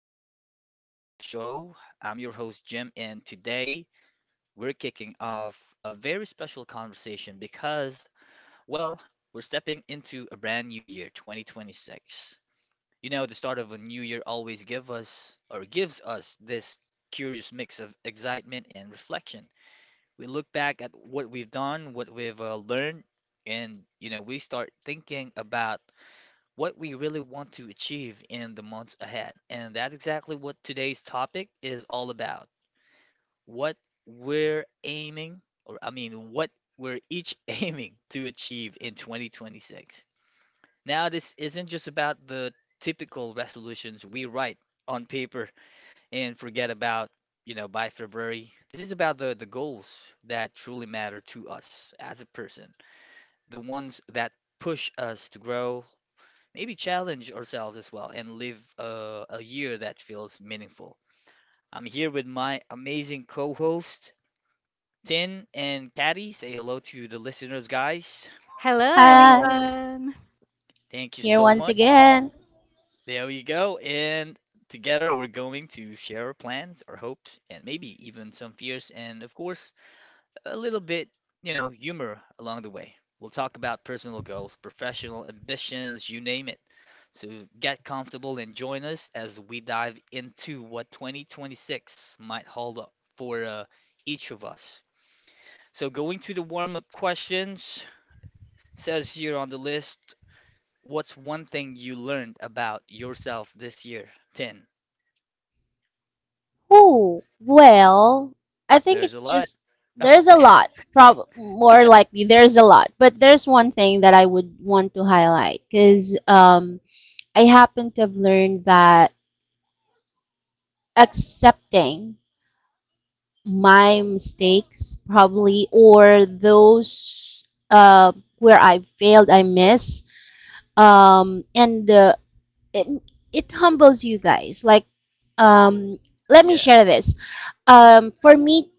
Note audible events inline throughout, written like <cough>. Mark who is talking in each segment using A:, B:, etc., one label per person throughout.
A: welcome back again to the show. I'm your host, Jim, and today we're kicking off a very special conversation because, well, we're stepping into a brand new year, 2026. You know, the start of a new year always give us or gives us this curious mix of excitement and reflection. We look back at what we've done, what we've learned, and you know, we start thinking about what we really want to achieve in the months ahead. And that's exactly what today's topic is all about. What what we're each <laughs> aiming to achieve in 2026. Now, this isn't just about the typical resolutions we write on paper and forget about, you know, by February. This is about the goals that truly matter to us as a person, the ones that push us to grow, maybe challenge ourselves as well and live a year that feels meaningful. I'm here with my amazing co host, Tin and Caddy. Say hello to the listeners, guys.
B: Hello,
C: Hi,
B: everyone.
A: Thank you
C: here
A: so
C: once
A: much.
C: again.
A: There we go. And together we're going to share our plans, our hopes, and maybe even some fears, and of course, a little bit, humor along the way. We'll talk about personal goals, professional ambitions, you name it. So get comfortable and join us as we dive into what 2026 might hold up for each of us. So going to the warm-up questions, says here on the list, what's one thing you learned about yourself this year? 10.
C: Oh, well, I think
A: There's a
C: it's
A: lot.
C: just
A: Oh,
C: there's a
A: <laughs>
C: lot. Prob more likely there's a lot, but there's one thing that I would want to highlight because I happen to have learned that accepting my mistakes probably or those where I failed, I miss, and it, it humbles you guys. Like, um, let me
A: yeah.
C: share this. For me,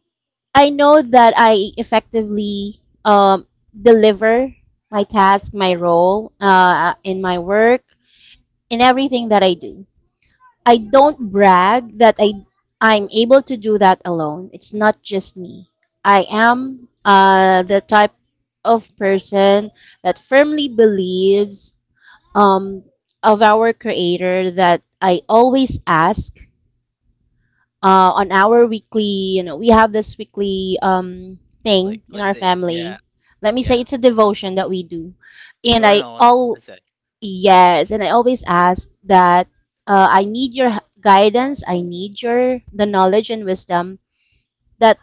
C: I know that I effectively um deliver my task, my role in my work, in everything that I do. I don't brag that I'm able to do that alone. It's not just me. I am the type of person that firmly believes um of our creator, that I always ask on our weekly, you know, we have this weekly
A: Like
C: thing in
A: let's
C: our
A: say, yeah,
C: family. Let me
A: yeah.
C: say it's a devotion that we do, and I
A: Journal, I
C: all
A: I said.
C: yes, and I always ask that I need your guidance, I need your the knowledge and wisdom that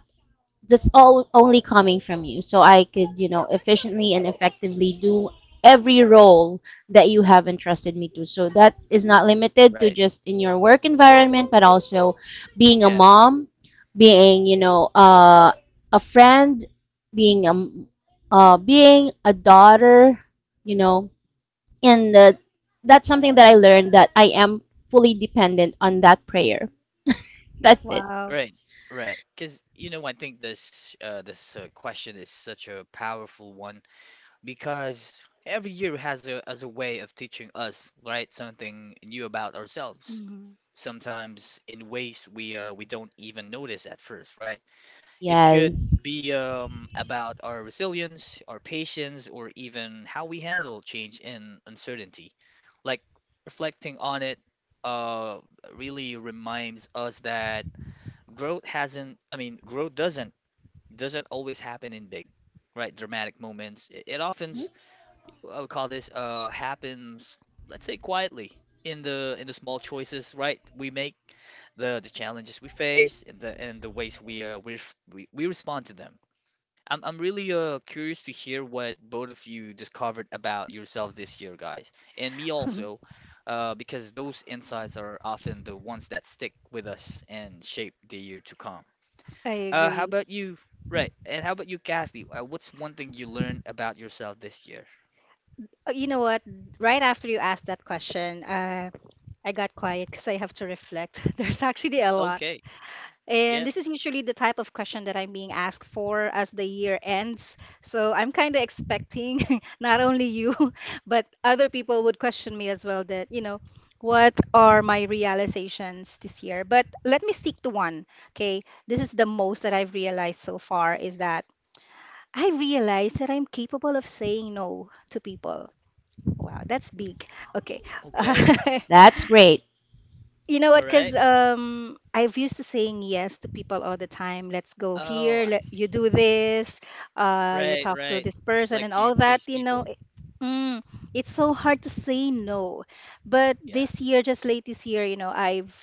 C: that's all only coming from you. So I could, you know, efficiently and effectively do every role that you have entrusted me to. So that is not limited to
A: Right.
C: just in your work environment, but also being a
A: Yeah.
C: mom, being, you know, a friend, being a m- being a daughter, you know, and the, that's something that I
B: Mm.
C: learned that I am fully dependent on that prayer. That's it.
B: Wow.
A: Right, right. Because you know, I think this question is such a powerful one because every year has a way of teaching us, right, something new about ourselves.
B: Mhm.
A: Sometimes in ways we don't even notice at first, right? It could
C: Yes.
A: be about our resilience, our patience, or even how we handle change and uncertainty. Like reflecting on it, uh, really reminds us that growth hasn't I mean growth doesn't always happen in big, right dramatic moments. It often
C: Mhm.
A: s- I'll call this happens, let's say, quietly in the small choices right we make, the challenges we face, and the ways we we respond to them. I'm really curious to hear what both of you discovered about yourselves this year, guys, and me also, because those insights are often the ones that stick with us and shape the year to come.
B: I
A: How
B: agree.
A: about you? Right. And how about you, Kathy? What's one thing you learned about yourself this year?
B: You know what? Right after you asked that question, I got quiet because I have to reflect. <laughs> There's actually a lot.
A: Okay.
B: And
A: Yep.
B: this is usually the type of question that I'm being asked for as the year ends. So I'm kind of expecting <laughs> not only you, <laughs> but other people would question me as well that, you know, what are my realizations this year? But let me stick to one. Okay. This is the most that I've realized so far is that. I realize that I'm capable of saying no to people. Wow, that's big. Okay.
A: Okay.
B: <laughs>
C: That's great.
B: You know what?
A: All
B: Because
A: right.
B: I've used to saying yes to people all the time. Let's go
A: Oh,
B: here.
A: I
B: Let, you
A: see.
B: do this. You
A: Right,
B: talk to
A: right.
B: this person and
A: Like you
B: all that.
A: please
B: You know,
A: people.
B: mm, it's so hard to say no. But
A: Yeah.
B: this year, just late this year, you know, I've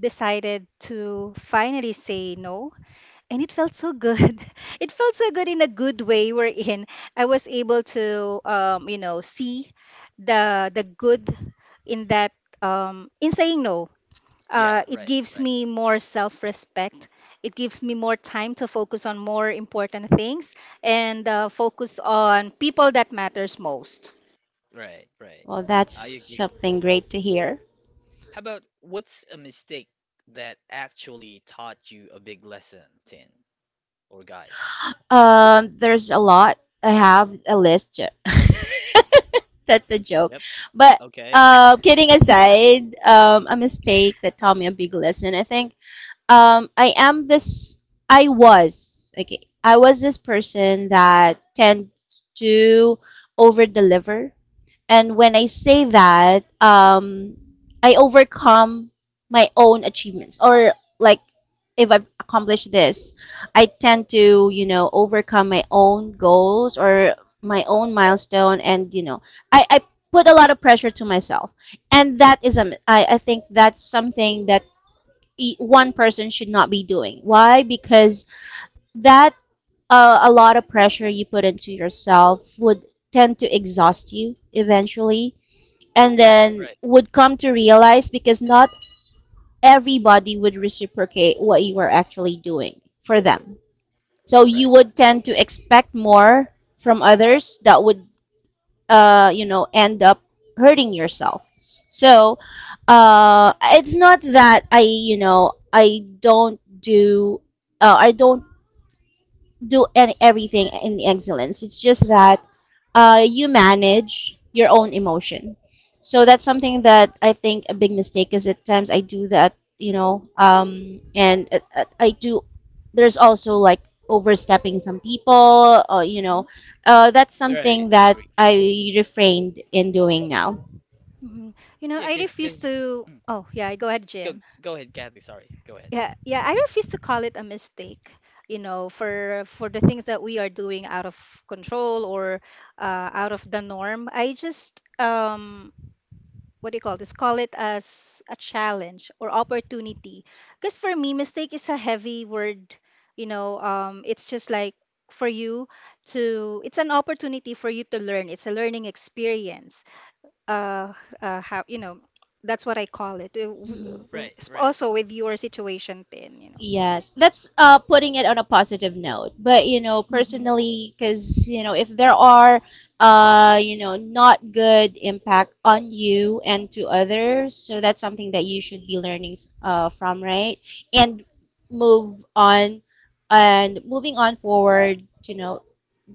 B: decided to finally say no and it felt so good. <laughs> It felt so good in a good way we're in. I was able to you know, see the good in that in saying no.
A: Yeah,
B: It
A: right,
B: gives
A: right,
B: me more self-respect. It gives me more time to focus on more important things and focus on people that matters most.
A: right, right.
C: Well, that's
A: I agree.
C: something great to hear.
A: How about, what's a mistake that actually taught you a big lesson, Tin or guys? Yeah.
C: There's a lot. I have a list. <laughs> That's a joke.
A: Yep.
C: But
A: Okay. <laughs>
C: kidding aside, a mistake that taught me a big lesson. I think I am this. I was okay. I was this person that tends to over deliver. And when I say that, I overcome my own achievements or like if I've accomplished this, I tend to, you know, overcome my own goals or my own milestone and, you know, I put a lot of pressure to myself. And that is I think that's something that one person should not be doing. Why? Because that a lot of pressure you put into yourself would tend to exhaust you eventually, and
A: Right,
C: then
A: right.
C: would come to realize because not everybody would reciprocate what you are actually doing for them. So you
A: Correct,
C: would
A: correct.
C: tend to expect more from others that would, end up hurting yourself. So it's not that I, I don't do any, everything in excellence. It's just that you manage your own emotion. So that's something that I think a big mistake is at times I do that, you know, and I do. There's also like overstepping some people, or, you
B: Mhm.
C: know, that's
A: Right.
C: something
A: I
C: that
A: agree.
C: I refrained in doing now.
B: Mhm. You know,
A: Yeah,
B: I
A: because
B: refuse
A: because.
B: to. Oh, yeah, go ahead,
A: Go
B: Jim.
A: go ahead, Kathy. Sorry. Go ahead.
B: Yeah, yeah, I refuse to call it a mistake, you know, for the things that we are doing out of control or out of the norm. I just what do you call this? Call it as a challenge or opportunity. Because for me, mistake is a heavy word, you know, it's just like for you to it's an opportunity for you to learn. It's a learning experience. Uh, how, you know, that's what I call it.
A: Right, right.
B: Also with your situation, then, you know.
C: Yes, that's putting it on a positive note. But you know,
B: Mm-hmm.
C: personally, because you know, if there are you know, not good impact on you and to others, so that's something that you should be learning from, right? And move on, and moving on forward,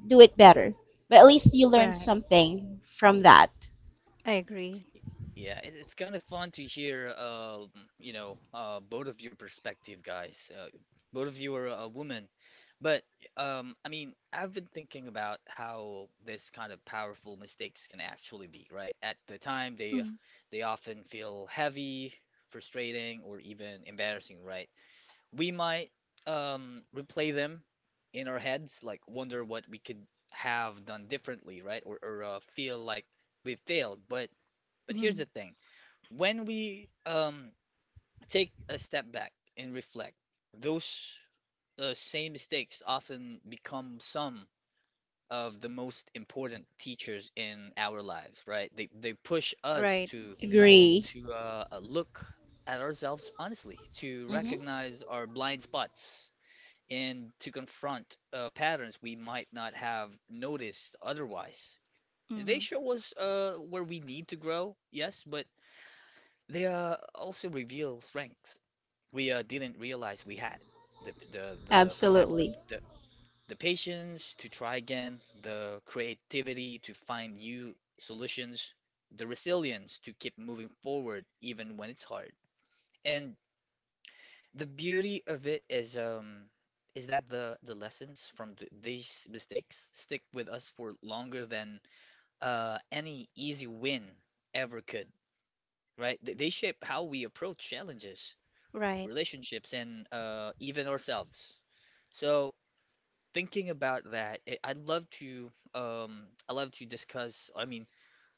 C: do it better. But at least you learned
B: Right.
C: something from that.
B: I agree.
A: Yeah, it's kind of fun to hear, you know, both of your perspective, guys. Both of you are a woman, but I mean, I've been thinking about how this kind of powerful mistakes can actually be, right? At the time, they often feel heavy, frustrating, or even embarrassing, right? We might replay them in our heads, like wonder what we could have done differently, right? Or feel like we failed. But here's
B: Mm-hmm.
A: the thing: when we take a step back and reflect, those same mistakes often become some of the most important teachers in our lives, right? They push us
B: Right.
A: to
C: Agree.
A: look at ourselves honestly, to
C: Mm-hmm.
A: recognize our blind spots and to confront patterns we might not have noticed otherwise. They
B: Mm-hmm.
A: show us where we need to grow, yes, but they also reveal strengths we didn't realize we had. The For example,
C: Absolutely. <laughs>
A: the, the patience to try again, the creativity to find new solutions, the resilience to keep moving forward even when it's hard. And the beauty of it is that the lessons from th these mistakes stick with us for longer than any easy win ever could, right? They shape how we approach challenges,
B: Right.
A: relationships, and even ourselves. So thinking about that, I love to discuss, I mean,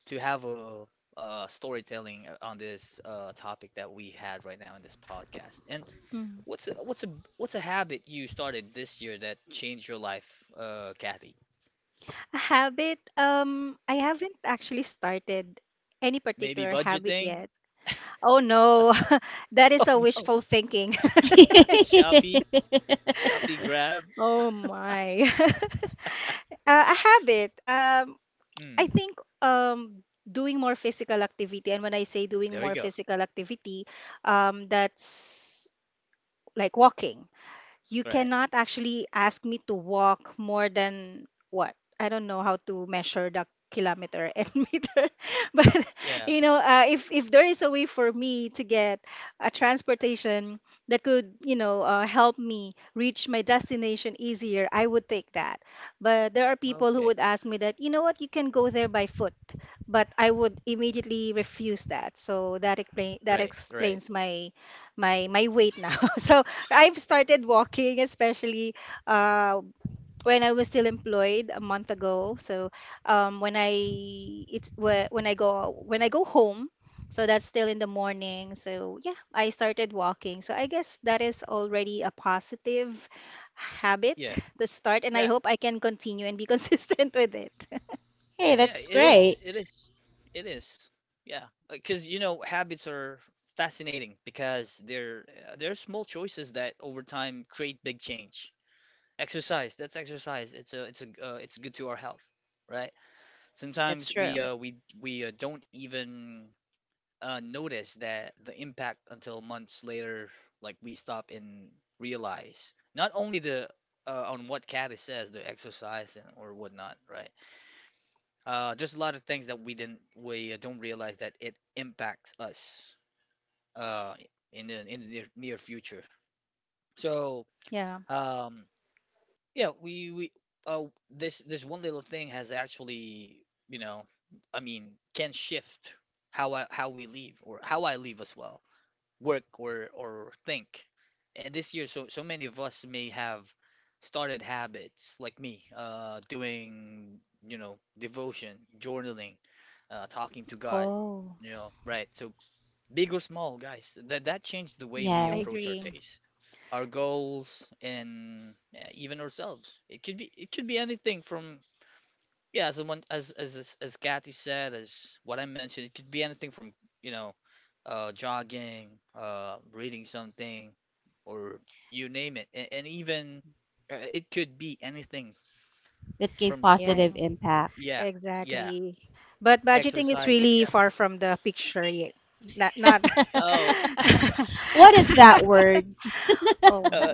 A: to have a storytelling on this topic that we had right now in this podcast.
B: Mm.
A: What's a, what's a what's a habit you started this year that changed your life, Kathy?
B: A habit, I haven't actually started any
A: Maybe
B: particular habit
A: budgeting? <laughs>
B: yet. Oh no, <laughs> that is
A: Oh
B: a
A: no,
B: wishful thinking. <laughs>
A: Shopee, Shopee Grab.
B: Oh my. <laughs> A habit, I
A: Hmm.
B: think doing more physical activity. And when I say doing
A: There we
B: more
A: go.
B: physical activity, that's like walking. You
A: Right.
B: cannot actually ask me to walk more than what? I don't know how to measure the kilometer and <laughs> meter. But
A: Yeah.
B: you know, if there is a way for me to get a transportation that could, you know, help me reach my destination easier, I would take that. But there are people who
A: Okay.
B: would ask me that, you know what, you can go there by foot. But I would immediately refuse that. So that
A: Right. Right.
B: explains my weight now. <laughs> So I've started walking, especially uh, when I was still employed a month ago. So when I when I go home, so that's still in the morning. So yeah, I started walking. So I guess that is already a positive habit
A: Yeah.
B: to start, and I
A: Yeah.
B: hope I can continue and be <laughs> consistent with it.
A: Yeah.
C: Hey, that's great.
A: It is. Yeah. Because you know habits are fascinating because they're small choices that over time create big change. Exercise. That's exercise. It's a it's good to our health, right?
B: That's
A: Sometimes we
B: true.
A: uh we we uh, don't even notice that the impact until months later, like we stop and realize. Not only the on what Caddy says, the exercise and or whatnot, right? Just a lot of things that we don't realize that it impacts us uh in the near, near future. So
B: Yeah.
A: um Yeah, we uh this this one little thing has actually, you know, I mean, can shift how we leave or how I leave as well, work or think. And this year, so many of us may have started habits like me, doing, you know, devotion, journaling, talking to God,
B: Oh,
A: you know, right? So, big or small, guys, that changed the way we
B: I
A: approach our
B: agree.
C: Yes.
A: days, our goals, and yeah, even ourselves. It could be, as someone as Kathy said, as what I mentioned, it could be anything from, you know, jogging, reading something, or you name it, and even, it could be anything
C: That gave
A: from,
C: positive impact.
A: yeah, yeah,
B: Exactly. But budgeting is
A: exercising,
B: really
A: yeah.
B: far from the picture yet. Not, not
A: Oh.
C: <laughs>
A: <laughs>
C: What is
B: <laughs>
A: I
C: that
A: th-
C: word?
B: oh,
A: uh,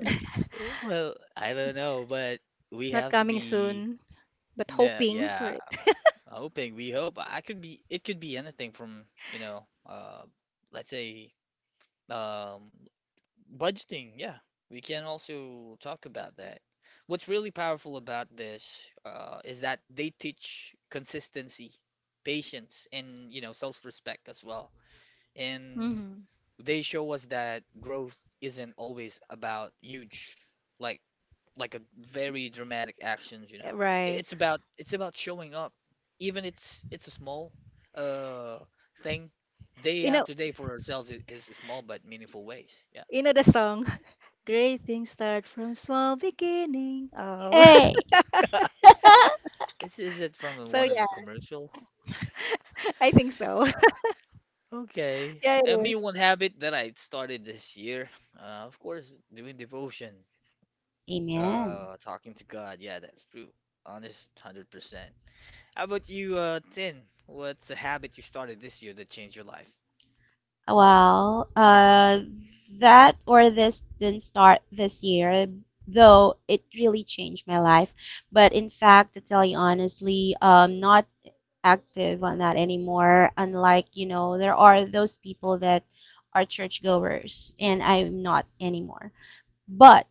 A: well, I don't know, but
B: <laughs>
A: we
B: not
A: have to
B: coming
A: be.
B: soon, but
A: Yeah,
B: hoping for
A: yeah.
B: it.
A: Hoping we hope I could be, it could be anything from, you know, let's say um budgeting. Yeah. We can also talk about that. What's really powerful about this is that they teach consistency, patience, and you know, self-respect as well. And
B: Hmm.
A: they show us that growth isn't always about huge, like like a very dramatic actions, you know.
B: Right.
A: It's about showing up. Even it's a small uh thing. Day
B: You know,
A: after day for ourselves is small but meaningful ways. Yeah.
B: you know the song, <laughs> Great Things Start From Small Beginning. Oh,
C: Hey.
A: <laughs> This is it from
B: <laughs> so
A: one of
B: yeah,
A: the commercial.
B: I think so. <laughs>
A: Okay.
B: Yeah, it
A: And me,
B: is.
A: one habit that I started this year, of course, doing devotion,
C: Amen.
A: talking to God. Yeah, that's true. Honest, 100%. How about you, Tin? What's a habit you started this year that changed your life?
C: Well, that or this didn't start this year, though it really changed my life. But in fact, to tell you honestly, not active on that anymore. Unlike, you know, there are those people that are churchgoers, and I'm not anymore. But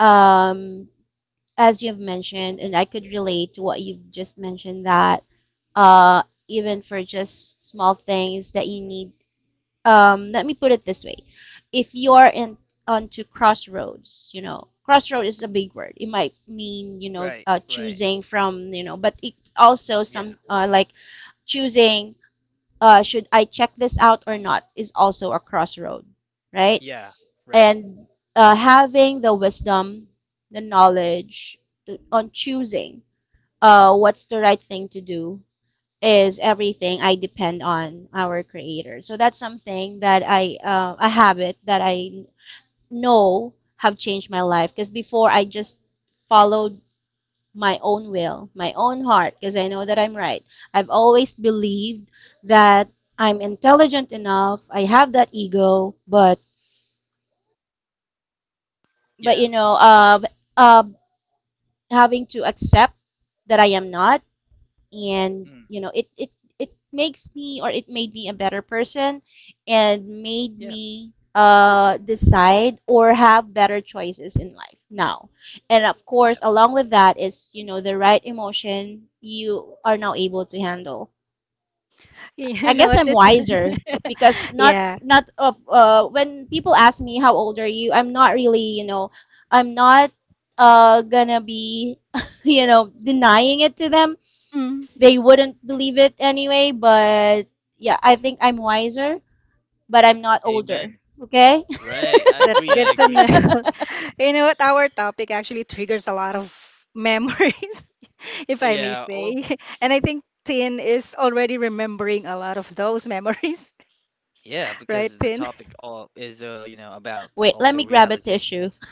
C: um, as you've mentioned, and I could relate to what you've just mentioned that uh, even for just small things that you need, let me put it this way: if you're in onto crossroads, you know, crossroad is a big word. It might mean
A: Right, right.
C: choosing from you know, but it also
A: Yeah,
C: some like choosing should I check this out or not is also a crossroad, right?
A: yeah, right.
C: And having the wisdom, the knowledge to, on choosing what's the right thing to do is everything I depend on our creator. So that's something that I, a habit that I know have changed my life because before I just followed my own will, my own heart, because I know that I'm right. I've always believed that I'm intelligent enough. I have that ego, but but you
A: Yeah.
C: know, uh, uh, having to accept that I am not, and
A: Mm.
C: you know it makes me, or it made me a better person, and made
A: Yeah,
C: me decide or have better choices in life now, and of
A: yeah.
C: course along with that is the right emotion you are now able to handle.
B: <laughs>
C: I
B: You
A: I
B: know
C: guess
B: what
C: I'm
A: agree.
B: this?
C: wiser because
B: <laughs>
C: not
B: Yeah.
C: not of when people ask me how old are you, I'm not really, I'm not gonna be <laughs> denying it to them. They wouldn't
A: Mm.
C: believe it anyway, but yeah, I think I'm wiser, but I'm not older.
A: Amen.
C: Okay?
A: Right. I
B: That's
A: agree. I
B: good to
A: agree.
B: know. <laughs> You know what? Our topic actually triggers a lot of memories, <laughs> if I may
A: Yeah. Well,
B: say. <laughs> And I think Tin is already remembering a lot of those memories,
A: yeah,
B: <laughs> right,
A: because the
B: Tin?
A: topic all is you know, about
C: <laughs> Wait, let
A: also
C: me grab a tissue.
A: realizations.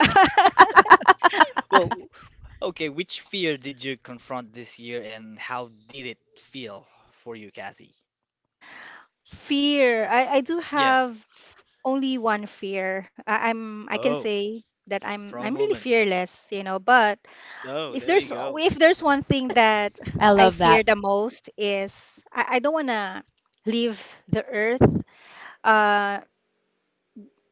B: <laughs>
A: Well, w- okay, which fear did you confront this year and how did it feel for you, Kathy?
B: Fear. I do
A: Yeah.
B: have only one fear. I can
A: Oh,
B: say that I'm
A: strong
B: I'm really
A: woman.
B: fearless, you know, but
A: Oh, there we go.
B: if there's one thing that
C: I
B: I
C: love
B: fear
C: that.
B: the most is I don't wanna leave the earth. Uh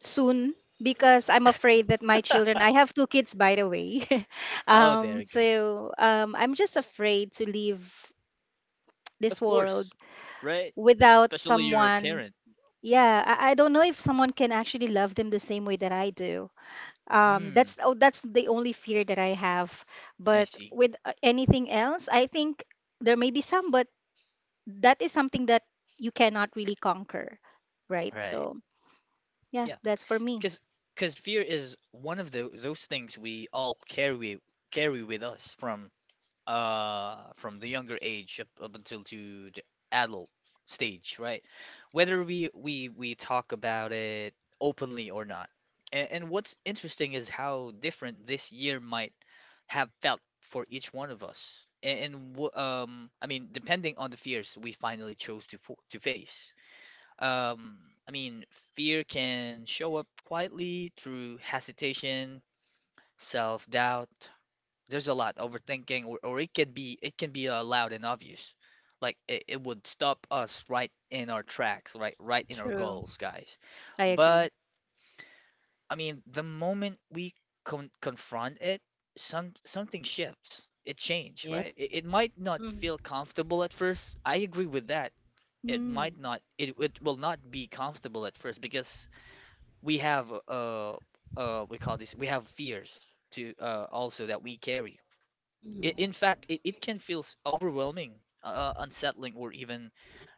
B: soon because I'm afraid that my children, I
A: <laughs>
B: have two kids by the way. <laughs>
A: Oh, there we go.
B: I'm just afraid to leave this
A: Of course.
B: world
A: Right?
B: without
A: Especially your
B: someone.
A: parent.
B: Yeah, I don't know if someone can actually love them the same way that I do.
A: Mm.
B: That's oh, that's the only fear that I have.
A: I
B: But
A: see.
B: with anything else, I think there may be some, but that is something that you cannot really conquer, right?
A: Right.
B: So yeah,
A: Yeah.
B: that's for me.
A: Because fear is one of the those things we all carry with us from the younger age up, until to the adult stage, right? Whether we talk about it openly or not. And what's interesting is how different this year might have felt for each one of us. And, I mean, depending on the fears we finally chose to fo to face. Um, I mean, fear can show up quietly through hesitation, self-doubt. There's a lot overthinking, or it can be loud and obvious. Like it would stop us right in our tracks, right in our
B: True.
A: goals, guys.
B: I agree.
A: But I mean, the moment we confront it, something shifts. It changes,
C: Yep.
A: right? It might not
B: Mm-hmm.
A: feel comfortable at first. I agree with that it might
B: Mm.
A: not it, it will not be comfortable at first because we have we call this we have fears to also that we carry. I
C: Mhm.
A: in fact it, it can feel overwhelming, uh unsettling, or even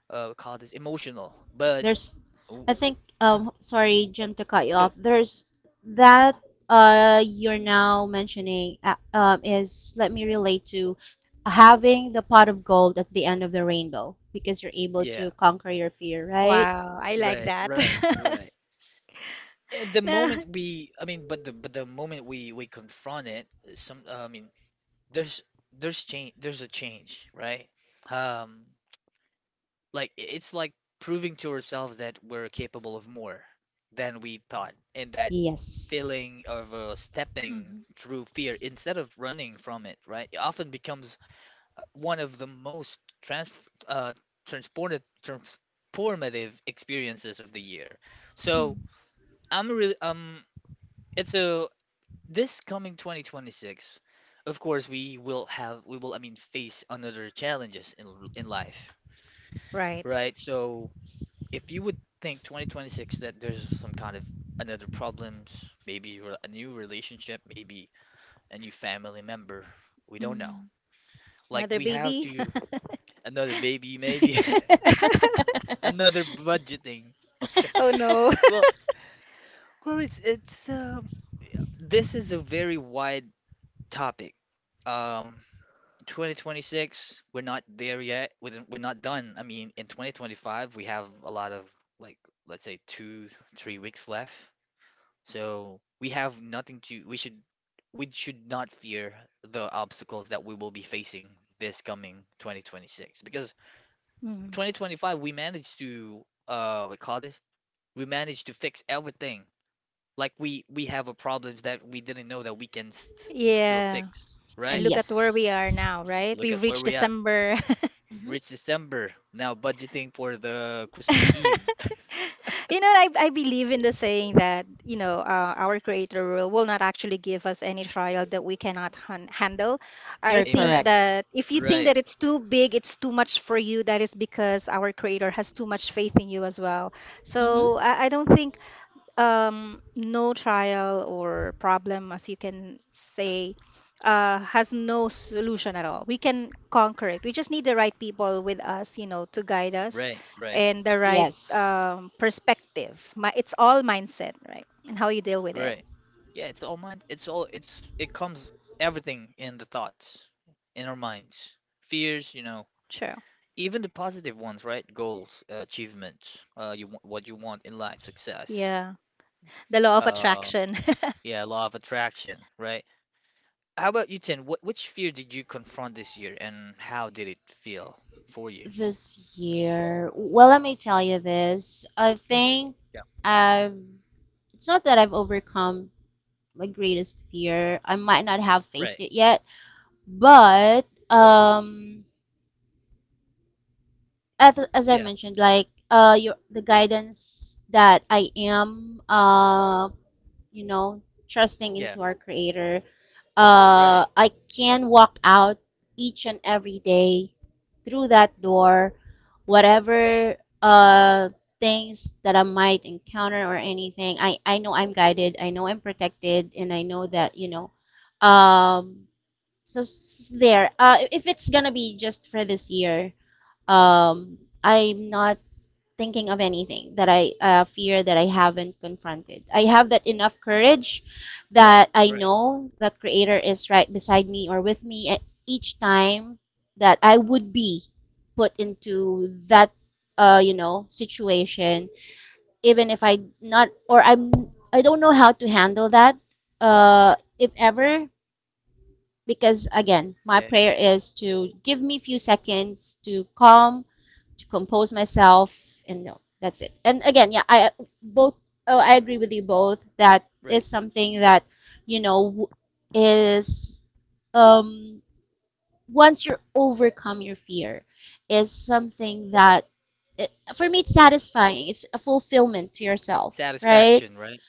A: we call this emotional. But
C: There's,
A: oh,
C: I think,
A: mm,
C: sorry, Jim, to cut you
A: yo
C: off. There's that you're now mentioning is let me relate to having the pot of gold at the end of the rainbow because you're able to
A: yeah,
C: conquer your fear, right?
B: Wow, I like
A: right,
B: that.
A: right, right.
B: <laughs>
A: And the
B: No.
A: moment we I mean but the moment we confront it, some I mean there's there's a change, right? um Like it's like proving to ourselves that we're capable of more than we thought, and that
C: Yes.
A: feeling of stepping
B: Hmm.
A: through fear instead of running from it, right? It often becomes one of the most uh, transformative experiences of the year.
B: Mm.
A: So I'm really it's a this coming 2026. Of course, we will have we will I mean face another challenges in life,
B: Right.
A: right? So if you would think 2026 that there's some kind of another problems, maybe a new relationship, maybe a new family member, we don't know.
B: Mm.
A: Like
B: Another
A: we have
B: baby?
A: to another baby, maybe.
C: <laughs>
A: <laughs> Another budgeting. Okay.
B: <laughs> Oh no.
C: <laughs>
B: <laughs>
A: Well, well, it's this is a very wide topic. Um, 2026, we're not there yet. We're not done. I mean, in 2025, we have a lot of like let's say two, 3 weeks left. So we have nothing to we should not fear the obstacles that we will be facing this coming 2026, because
B: Mm.
A: 2025 we managed to we call this we managed to fix everything. Like we have a problems that we didn't know that we can still
B: Yeah.
A: fix,
B: And
A: right?
B: look at where we are
C: Yes.
B: now, right?
A: Look
B: We've
A: at where
B: reached
A: we at,
B: December.
C: Hmm.
A: reach December now, budgeting for the Christmas Eve.
B: <laughs> You know, I believe in the saying that, you know, our creator will not actually give us any trial that we cannot handle. I
C: You're
A: <laughs>
B: think
C: correct.
A: Amen.
B: that if you think
A: Right,
B: that it's too big, it's too much for you, that is because our creator has too much faith in you as well.
C: Hmm.
B: So I don't think no trial or problem, as you can say, has no solution at all. We can conquer it. We just need the right people with us, you know, to guide us
A: right, right.
B: and the right
C: Yes.
B: perspective. My, it's all mindset, right? And how you deal with it.
A: Right. Yeah, it's all mind. It's all it's It comes everything in the thoughts in our minds. Fears, you know,
B: True.
A: even the positive ones, right? Goals, achievements, you want what you want in life, success.
B: Yeah. The law of
A: Uh,
B: attraction. <laughs>
A: yeah, law of attraction, right? How about you, Tin? What which fear did you confront this year, and how did it feel for you?
C: This year, well, let me tell you this. I
A: Mm.
C: think
A: Yeah.
C: I've, it's not that I've overcome my greatest fear. I might not have
A: Right.
C: faced it yet, but as I
A: Yeah.
C: mentioned, like your the guidance that I am, you know, trusting
A: Yeah.
C: into our Creator.
A: Right.
C: I can walk out each and every day through that door, whatever uh, things that I might encounter or anything. I know I'm guided. I know I'm protected, and I know that you know. Um, so there. If it's gonna be just for this year, I'm not thinking of anything that I fear that I haven't confronted. I have that enough courage
A: Right.
C: that I
A: Right.
C: know the Creator is right beside me or with me at each time that I would be put into that situation, even if I not or I don't know how to handle that. If ever. Because again, my
A: Okay.
C: prayer is to give me a few seconds to calm, to compose myself. And no, that's it. And again, yeah, both oh, I
A: Mm.
C: agree with you both that
A: Right.
C: is something that you know is um once you overcome your fear is something that it, for me, it's satisfying, it's a fulfillment to yourself, right?
A: Satisfaction, right?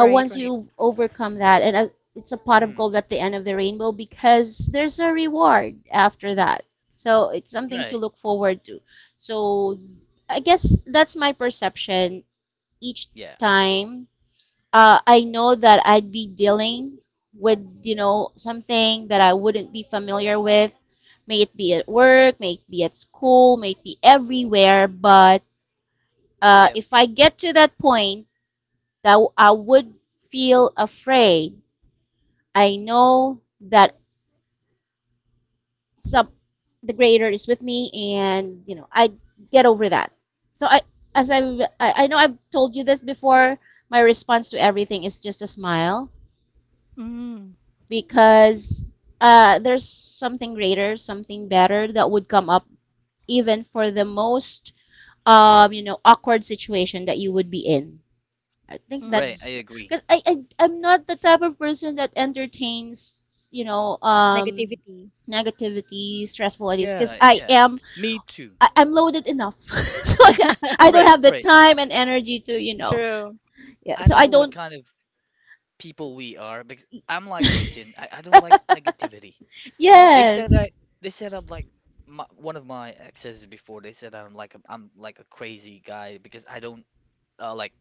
C: once
B: right.
C: you've overcome that, and it's a pot of
A: Mm.
C: gold at the end of the rainbow because there's a reward after that. So it's something to
A: Right.
C: look forward to. So I guess that's my perception each
A: Yeah.
C: time. I know that I'd be dealing with, something that I wouldn't be familiar with. May it be at work, may it be at school, may it be everywhere. But
A: Yep.
C: if I get to that point that I would feel afraid, I know that some the greater is with me, and I get over that. So, as I know, I've told you this before. My response to everything is just a smile
B: Mm,
C: because there's something greater, something better that would come up even for the most awkward situation that you would be in. I think
A: Right,
B: mm.
A: I
C: that's
A: agree.
C: because I'm not the type of person that entertains
B: Negativity.
C: negativity, stressful ideas because
A: Yeah, yeah. Me too.
C: I'm loaded enough, <laughs> so I,
B: <laughs>
C: I don't
A: Right,
C: have the
A: right.
C: time and energy to
B: True.
C: yeah.
A: I
C: So
A: don't
C: I
A: know what
C: don't
A: kind of people we are, because I'm like you, Tin. I don't like negativity. They said
C: Yes,
A: that they said I'm like my, one of my exes before. They said that I'm like a crazy guy, because I don't like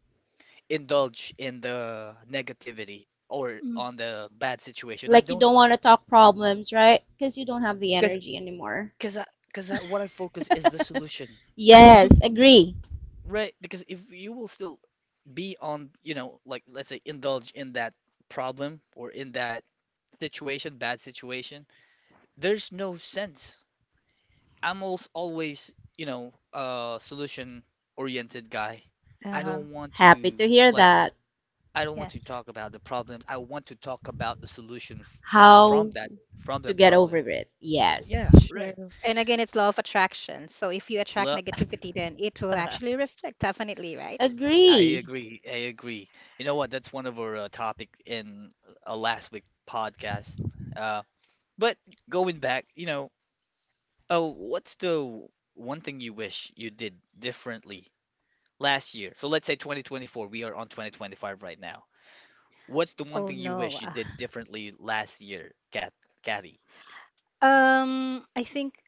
A: indulge in the negativity or
B: Mm.
A: on the bad situation. I
C: like you
A: don't.
C: don't want to talk problems, right, because you don't have the
A: because
C: energy anymore.
A: because I because I, what I focus is the solution. I don't.
C: Yes,
B: <laughs>
C: agree.
A: Right, because if you will still be on, you know, like let's say indulge in that problem or in that situation, bad situation, there's no sense. I'm als always, you know, a solution oriented guy. I
B: Uh-huh.
A: don't want
C: Happy
A: to
C: to hear
A: like
C: that.
A: I don't want
B: Yeah.
A: to talk about the problems. I want to talk about the solution f from
C: How
A: that from
C: to
A: that
C: get over
A: problem.
C: it? Yes,
A: Yeah, right.
B: True. And again, it's law of attraction. So if you attract
A: Love.
B: negativity, then it will
A: <laughs>
B: actually reflect, definitely, right?
A: I
C: agree.
A: agree. I agree. You know what? That's one of our topic in last week podcast. Uh, but going back, you know, oh, what's the one thing you wish you did differently last year? So let's say 2024. We are on 2025 right now. What's the one
B: Oh
A: thing you
B: no.
A: wish you did differently last year, Cat, Catty?
B: I think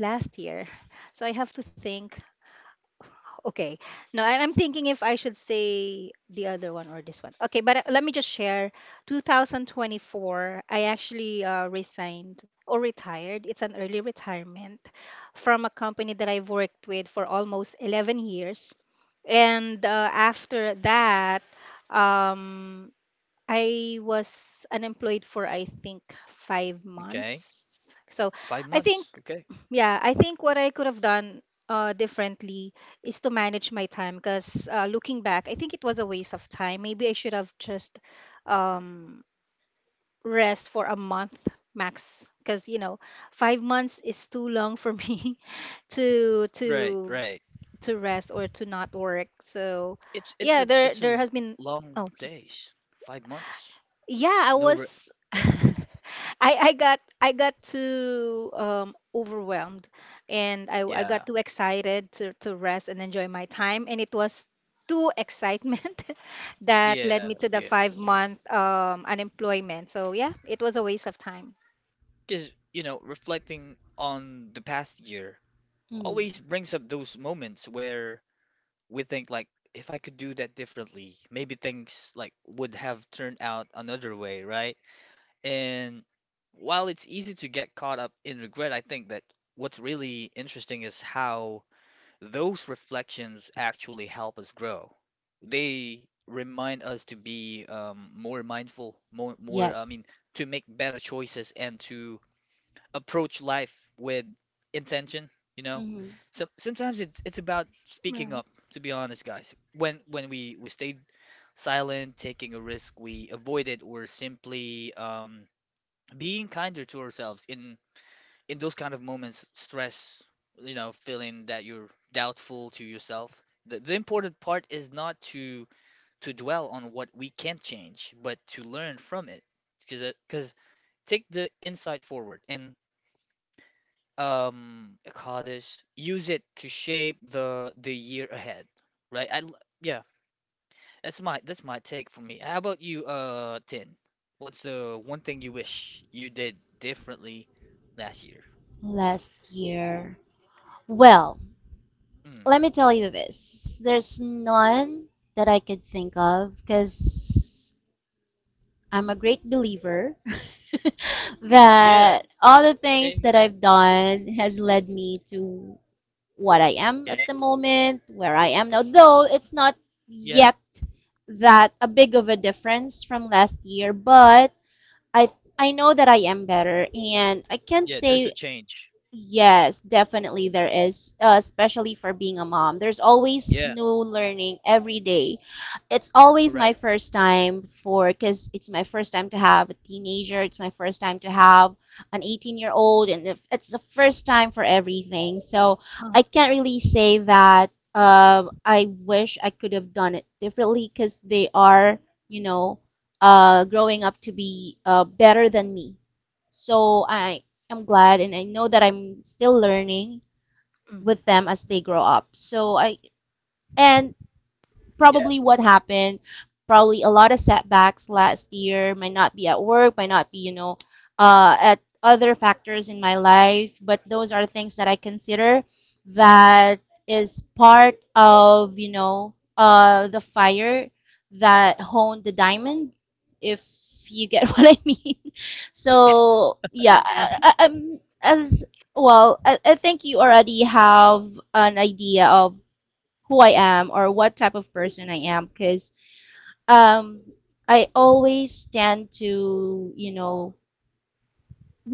B: last year. So I have to think. Okay. No, I'm thinking if I should say the other one or this one. Okay, but let me just share. 2024, I actually resigned or retired. It's an early retirement from a company that I've worked with for almost 11 years. And after that, um, I was unemployed for I think five
A: Okay,
B: months. So
A: five
B: I think,
A: months. Okay,
B: yeah, I think what I could have done differently is to manage my time because looking back, I think it was a waste of time. Maybe I should have just um, rest for a month max because you know 5 months is too long for <laughs> me to
A: right,
B: to
A: right.
B: to rest or to not work. So
A: It's it's
B: yeah,
A: a
B: there
A: it's a
B: there has been.
A: long
B: Oh,
A: days. 5 months.
B: yeah, I
A: No, re-
B: was
A: yeah,
B: <laughs> I I got too overwhelmed and I got
A: yeah.
B: too excited to rest and enjoy my time and it was too excitement <laughs> that led
A: Yeah,
B: me to the
A: yeah.
B: 5 month unemployment. So yeah, it was a waste of time.
A: Because, you know, reflecting on the past year
C: Hmm.
A: always brings up those moments where we think like if I could do that differently, maybe things like would have turned out another way, right? And while it's easy to get caught up in regret, I think that what's really interesting is how those reflections actually help us grow. They remind us to be more mindful, I mean,
C: Yes.
A: to make better choices and to approach life with intention, you know.
C: Mhm.
A: So sometimes it's about speaking
B: Right.
A: up, to be honest, guys. When we stayed silent, taking a risk, we avoided or simply being kinder to ourselves in those kind of moments, stress, you know, feeling that you're doubtful to yourself. The important part is not to to dwell on what we can't change, but to learn from it. Because take the insight forward and Kaddish, use it to shape the year ahead, right? Yeah, that's my take for me. How about you, Tin? What's the one thing you wish you did differently last year?
C: Last year. Well,
A: Mm.
C: let me tell you this. There's none that I could think of because I'm a great believer <laughs>
A: Yeah,
C: that all the things that
A: amen.
C: I've done has led me to what I am at
A: Okay.
C: the moment, where I am now.
A: Of,
C: Though it's not
A: yeah,
C: yet that a big of a difference from last year, but I I know that I am better and I can't
A: yeah, there's a
C: say.
A: change.
C: Yes, definitely there is, especially for being a mom. There's always
A: Yeah,
C: new learning every day. It's always my
A: correct.
C: first time for, because it's my first time to have a teenager. It's my first time to have an 18-year-old year old, and it's the first time for everything. So
B: Uh,
C: I can't really say that I wish I could have done it differently because they are, you know, growing up to be better than me. So I I'm glad and I know that I'm still learning with
B: mm,
C: them as they grow up. So I and
A: Yeah,
C: probably what happened. Probably a lot of setbacks last year. Might not be at work. Might not be, you know, at other factors in my life. But those are things that I consider that is part of, you know, the fire that honed the diamond. If you get <laughs> what I mean. So yeah,
B: yeah.
C: I, as well, I think you already have an idea of who I am or what type of person I am because um, I always tend to, you know,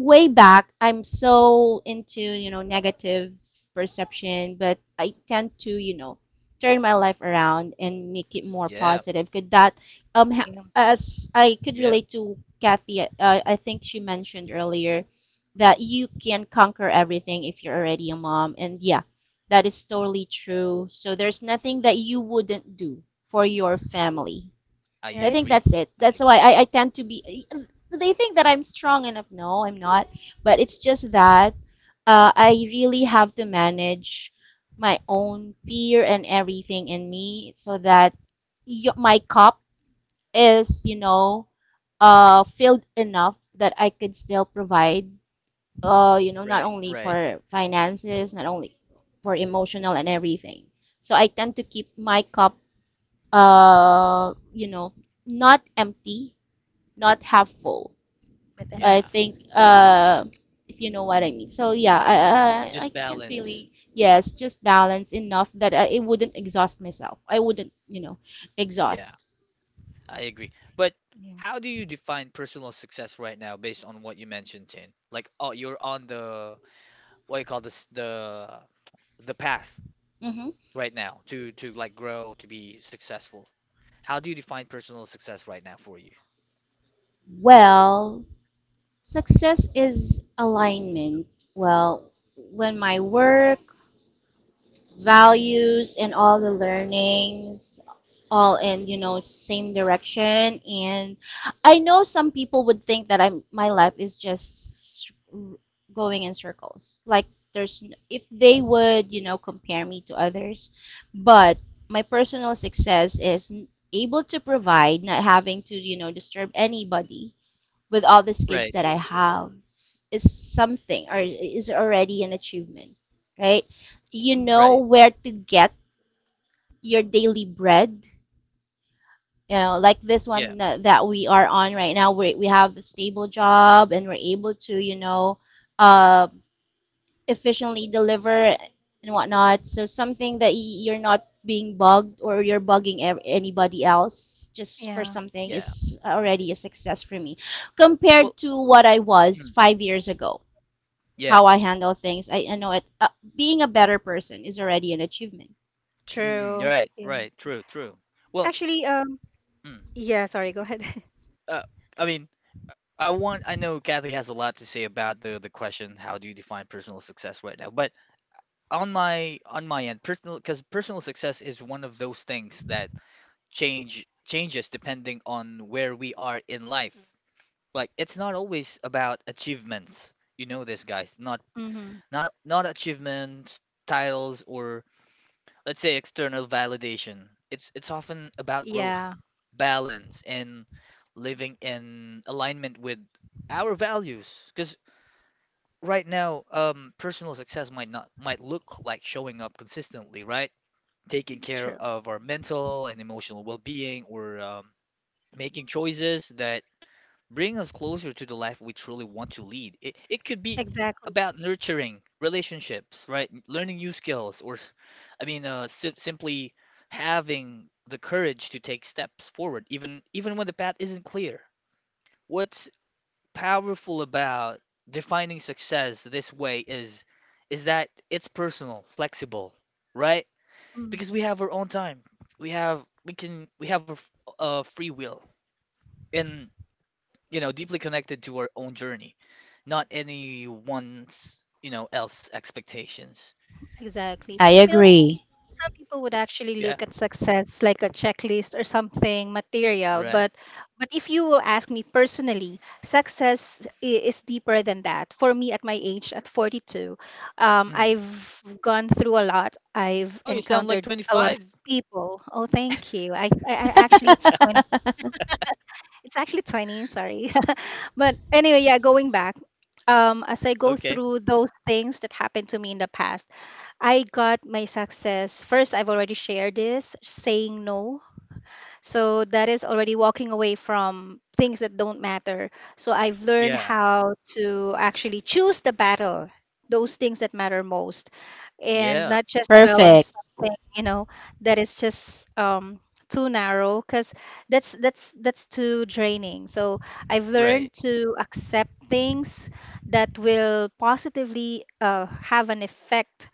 C: way back I'm so into, you know, negative perception, but I tend to, you know, turn my life around and make it more
A: yeah,
C: positive. Um ha-
B: Yeah.
C: as I could
A: yeah.
C: relate to Kathy, I think she mentioned earlier that
B: Mm.
C: you can conquer everything if you're already a mom, and yeah, that is totally true. So there's nothing that you wouldn't do for your family.
A: I
C: So
B: Yeah,
C: I
B: it's
C: think that's
A: agree.
C: it.
A: I
C: That's why
A: agree.
C: I tend to be. They think that I'm strong enough. No, I'm not. But it's just that I really have to manage my own fear and everything in me so that my cup is, you know, filled enough that I could still provide, you know, not
A: Right,
C: only
A: right.
C: for finances, not only for emotional and everything. So I tend to keep my cup, you know, not empty, not helpful.
B: but
C: I
A: Yeah,
B: enough.
C: think if you know what I mean. So yeah, I
A: just
C: can't
A: balance.
C: really, yes, just balance enough that I, it wouldn't exhaust myself. I wouldn't, you know,
A: Yeah,
C: exhaust.
A: I agree. But
B: Yeah.
A: how do you define personal success right now based on what you mentioned, Tin? Like, oh, you're on the what you call this the path
C: Hmm.
A: right now to like grow to be successful. How do you define personal success right now for you, Tin?
C: Well, success is alignment. Well, when my work, values and all the learnings all in, you know, same direction. And I know some people would think that I'm my life is just going in circles, like there's, if they would, you know, compare me to others. But my personal success is able to provide, not having to, you know, disturb anybody with all the skills
A: Right,
C: that I have is something, or is already an achievement, right? You
B: Mm.
C: know
A: right.
C: where to get your daily bread. You know, like this
A: Yeah,
C: one that, we are on right now, we have a stable job and we're able to, you know, uh, efficiently deliver and whatnot. So something that you're not being bugged or you're bugging anybody else just for
B: Yeah.
C: something
A: yeah.
C: is already a success for me
A: Well,
C: compared to what I was
A: mm,
C: 5 years ago.
A: yeah.
C: How I handle things, I know it. Being a better person is already an achievement.
A: Mm-mm, you're
B: True.
A: right,
B: Yeah.
A: right. True, true. Well,
B: Actually,
A: mm,
B: yeah, sorry, go ahead. <laughs>
A: uh, I mean, I want I know Kathy has a lot to say about the question, how do you define personal success right now? But on my end personal, because personal success is one of those things that changes depending on where we are in life. Like it's not always about achievements, you know, this guys, not
B: Hmm.
A: not achievements, titles, or let's say external validation. It's often about growth,
B: Yeah,
A: balance, and living in alignment with our values. Because right now, personal success might not might look like showing up consistently, right, taking care
B: true.
A: of our mental and emotional well being, or making choices that bring us closer to the life we truly want to lead. It could be
B: Exactly.
A: about nurturing relationships, right? Learning new skills, or I mean, simply having the courage to take steps forward, even even when the path isn't clear. What's powerful about defining success this way is that it's personal, flexible, right?
B: Mm,
A: Because we have our own time. We have a, a free will and you know deeply connected to our own journey, not anyone's you know else expectations.
B: exactly.
C: I
B: You know,
C: agree.
B: some people would actually
A: Yeah,
B: look at success like a checklist or something material,
A: right.
B: but if you will ask me personally, is deeper than that. For me, at my age, at 42,
A: Mm.
B: I've gone through a lot. I've
A: Oh, you sound like
B: encountered a lot of
A: 25.
B: people. Oh, thank you. I actually it's
C: <laughs>
B: 20. It's actually 20, sorry. <laughs> But anyway, yeah, going back, as I go
A: Okay.
B: through those things that happened to me in the past, I got my success. First, I've already shared this, saying no. So that is already walking away from things that don't matter. So I've learned
A: Yeah.
B: how to actually choose the battle, those things that matter most and
A: Yeah.
B: not just dwell on
C: Perfect.
B: something, you know, that is just too narrow because that's too draining. So I've
A: Right.
B: learned to accept things that will positively have an effect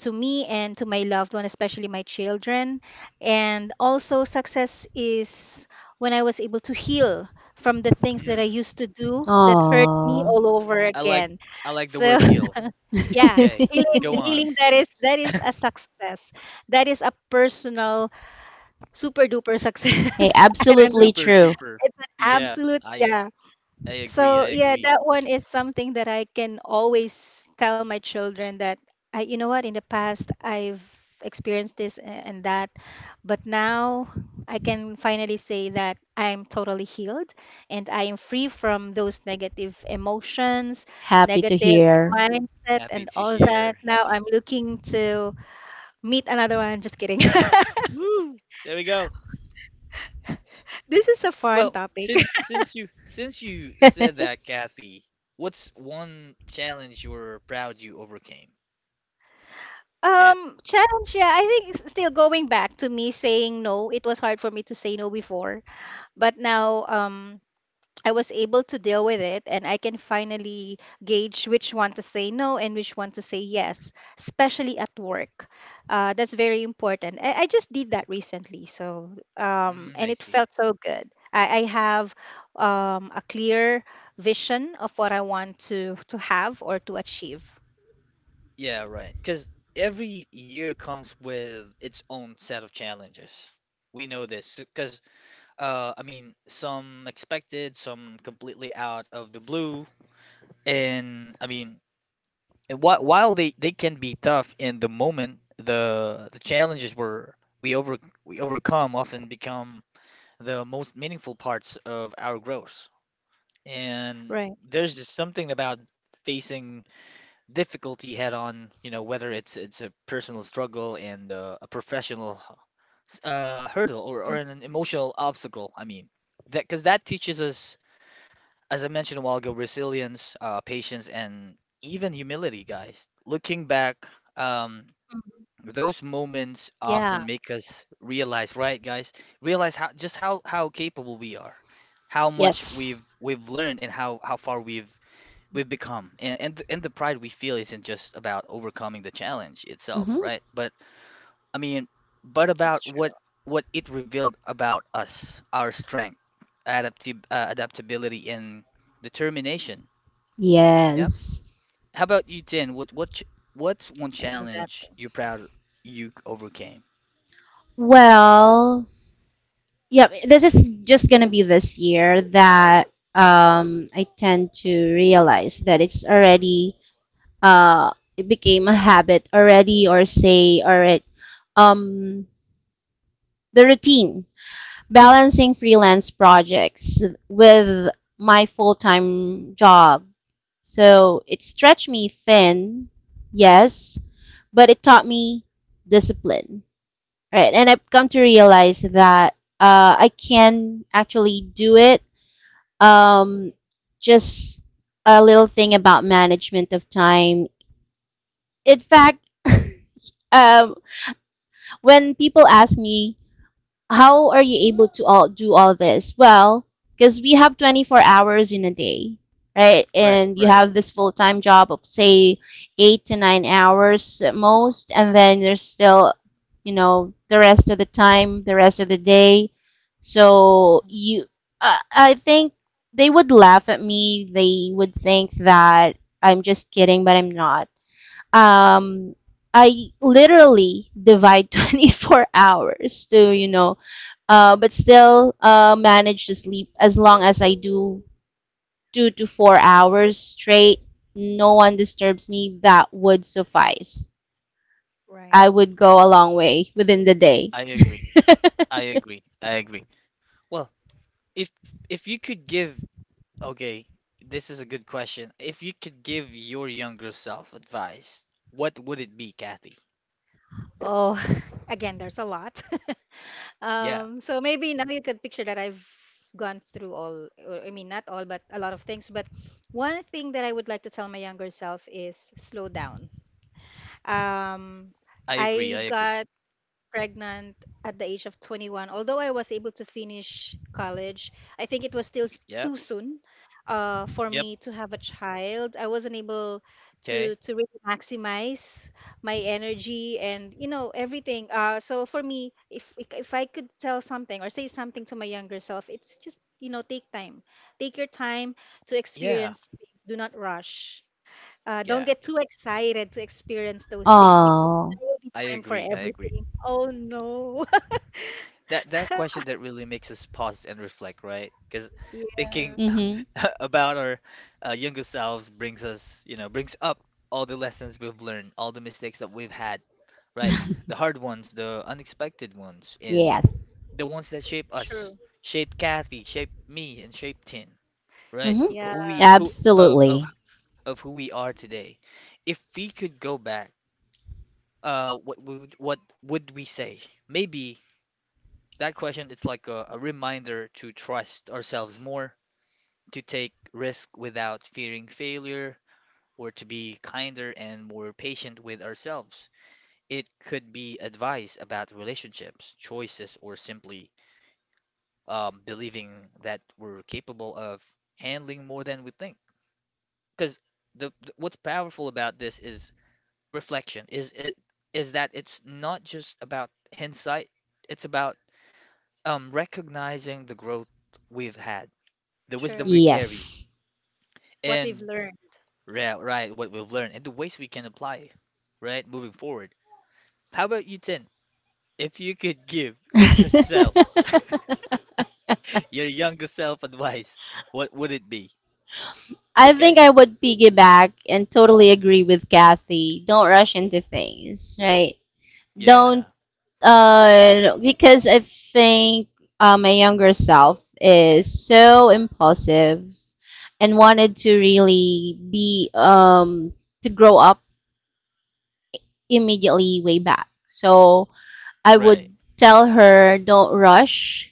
B: to me and to my loved one, especially my children. And also, success is when I was able to heal from the things that I
A: Mm.
B: used to do that hurt me
C: Aww.
B: all over
A: I like
B: again.
A: I like the
B: So
A: word heal.
B: yeah,
A: Okay.
C: <laughs>
A: Go on.
B: healing that is a success. That is a personal super duper
C: Hey,
B: success. <laughs> I don't know.
C: absolutely
A: Super
C: true.
A: duper.
B: It's an
A: Yeah.
B: absolute
A: I
B: yeah.
A: I agree. I
B: So yeah,
A: agree.
B: that one is something that I can always tell my children that you know what, in the past I've experienced and that, but now I can finally say that I'm totally healed and I am free from those negative emotions,
C: Happy to
B: negative
C: hear.
B: mindset
A: Happy
B: and
A: to
B: all
A: hear.
B: that. Now
A: Happy.
B: I'm looking to meet another one. Just kidding. <laughs>
A: Woo! There we go.
B: This is a fun
A: Well,
B: topic.
A: since you said
C: <laughs>
A: that, Kathy, what's one challenge you're proud you overcame? Cat,
B: Challenge, yeah. I think still going back to me saying no, it was hard for me to say no before, but now I was able to deal with it and I can finally gauge which one to say no and which one to say yes, especially at work. That's very important. I just did that recently, so
A: mm,
B: and
A: I
B: it
A: see.
B: felt so good. I have a clear vision of what I want to have or to achieve.
A: Yeah, right. Because every year comes with its own set of challenges. We know this because I mean, some expected, some completely out of the blue, and I mean, and while they can be tough in the moment, the challenges were we over we overcome often become the most meaningful parts of our growth. And
B: Right.
A: there's just something about facing difficulty head on, you know, whether it's a personal struggle and a professional
B: Mm,
A: hurdle, or an emotional obstacle, I mean, that because that teaches us, as I mentioned a while ago, resilience, patience, and even humility, guys. Looking back, um,
B: mm.
A: those
B: Yeah.
A: moments often make us realize, right, guys? Realize how just how capable we are, how much
C: Yes.
A: we've learned, and how far we've become. And the pride we feel isn't just about overcoming the challenge itself,
C: Hmm.
A: right? But I mean,
B: That's
A: but
B: true.
A: about what it revealed about us, our strength, adaptability, and determination. Yep.
C: Yes.
A: How about you, Tin?
B: Yeah,
A: What's one
B: exactly.
A: challenge you're proud you overcame?
C: Well, yep. This is just gonna be this year that I tend to realize that it's already it became a habit already, or say already, um the routine balancing freelance projects with my full-time job. So it stretched me thin, yes, but it taught me discipline. Right. And I've come to realize that I can actually do it. Um, just a little thing about management of time. In fact, <laughs> um, when people ask me, how are you able to all do all this? Well, because we have 24 hours in a day, right?
A: Right,
C: And you
A: right.
C: have this full time job of, say, 8 to 9 hours at most, and then there's still, you know, the rest of the time, the rest of the day. So
B: Mm.
C: you, I think they would laugh at me. They would think that I'm just kidding, but I'm not. um I literally divide <laughs> 24 hours to, you know, but still manage to sleep as long as I do 2 to 4 hours straight. No one disturbs me. That would suffice.
B: Right.
C: I would go a long way within the day.
A: I agree. I agree. I agree. Well, if if you could give, okay, this is a good question. If you could give your younger self advice, what would it be, Kathy?
B: Oh, <laughs> again, there's a lot. <laughs>
A: Yeah,
B: So maybe now you could picture that I've gone through all, or, I mean, not all, but a lot of things. But one thing that I would like to tell my younger self is slow down. Um,
A: I agree.
B: I
A: I agree.
B: got pregnant at the age of 21. Although I was able to finish college, I think it was still
A: Yep.
B: too soon for
A: Yep.
B: me to have a child. I wasn't able to
A: Okay.
B: to really maximize my energy and you know everything. So for me, if I could tell something or say something to my younger self, it's just you know take time, take your time to
A: Yeah.
B: experience things. Do not rush. Don't
A: Yeah.
B: get too excited to experience those things because
C: Oh,
B: there will be
A: I
B: time for
A: agree. I agree.
B: everything. Oh no. <laughs>
A: That question that really makes us pause and reflect, right? Because
B: Yeah,
A: thinking
C: mm-hmm.
A: <laughs> about our younger selves brings us, you know, brings up all the lessons we've learned, all the mistakes that we've had, right? The
C: <laughs>
A: hard ones, the unexpected ones, and
C: Yes.
A: the ones that shape us,
B: true.
A: shape Kathy, shape me, and shape Tin, right?
C: Mm-hmm.
A: Who we,
B: Yeah,
A: who
C: Absolutely.
A: of who we are today. If we could go back, what would we say? Maybe that question it's like a reminder to trust ourselves more, to take risk without fearing failure, or to be kinder and more patient with ourselves. It could be advice about relationships, choices, or simply believing that we're capable of handling more than we think. Because the what's powerful about this is reflection. Is that it's not just about hindsight. It's about recognizing the growth we've had, the wisdom
B: true.
A: we carry,
C: Yes.
B: What we've
A: and
B: learned.
A: right, right, what we've learned, and the ways we can apply, right, moving forward. How about you, Tin? If you could give yourself, <laughs>
C: <laughs>
A: your younger self advice, what would it be?
C: I think
A: Okay.
C: I would piggyback and totally agree with Kathy. Don't rush into things, right?
A: Yeah.
C: Don't, Because I think my younger self is so impulsive and wanted to really be, to grow up immediately way back. So I would
A: Right.
C: tell her, don't rush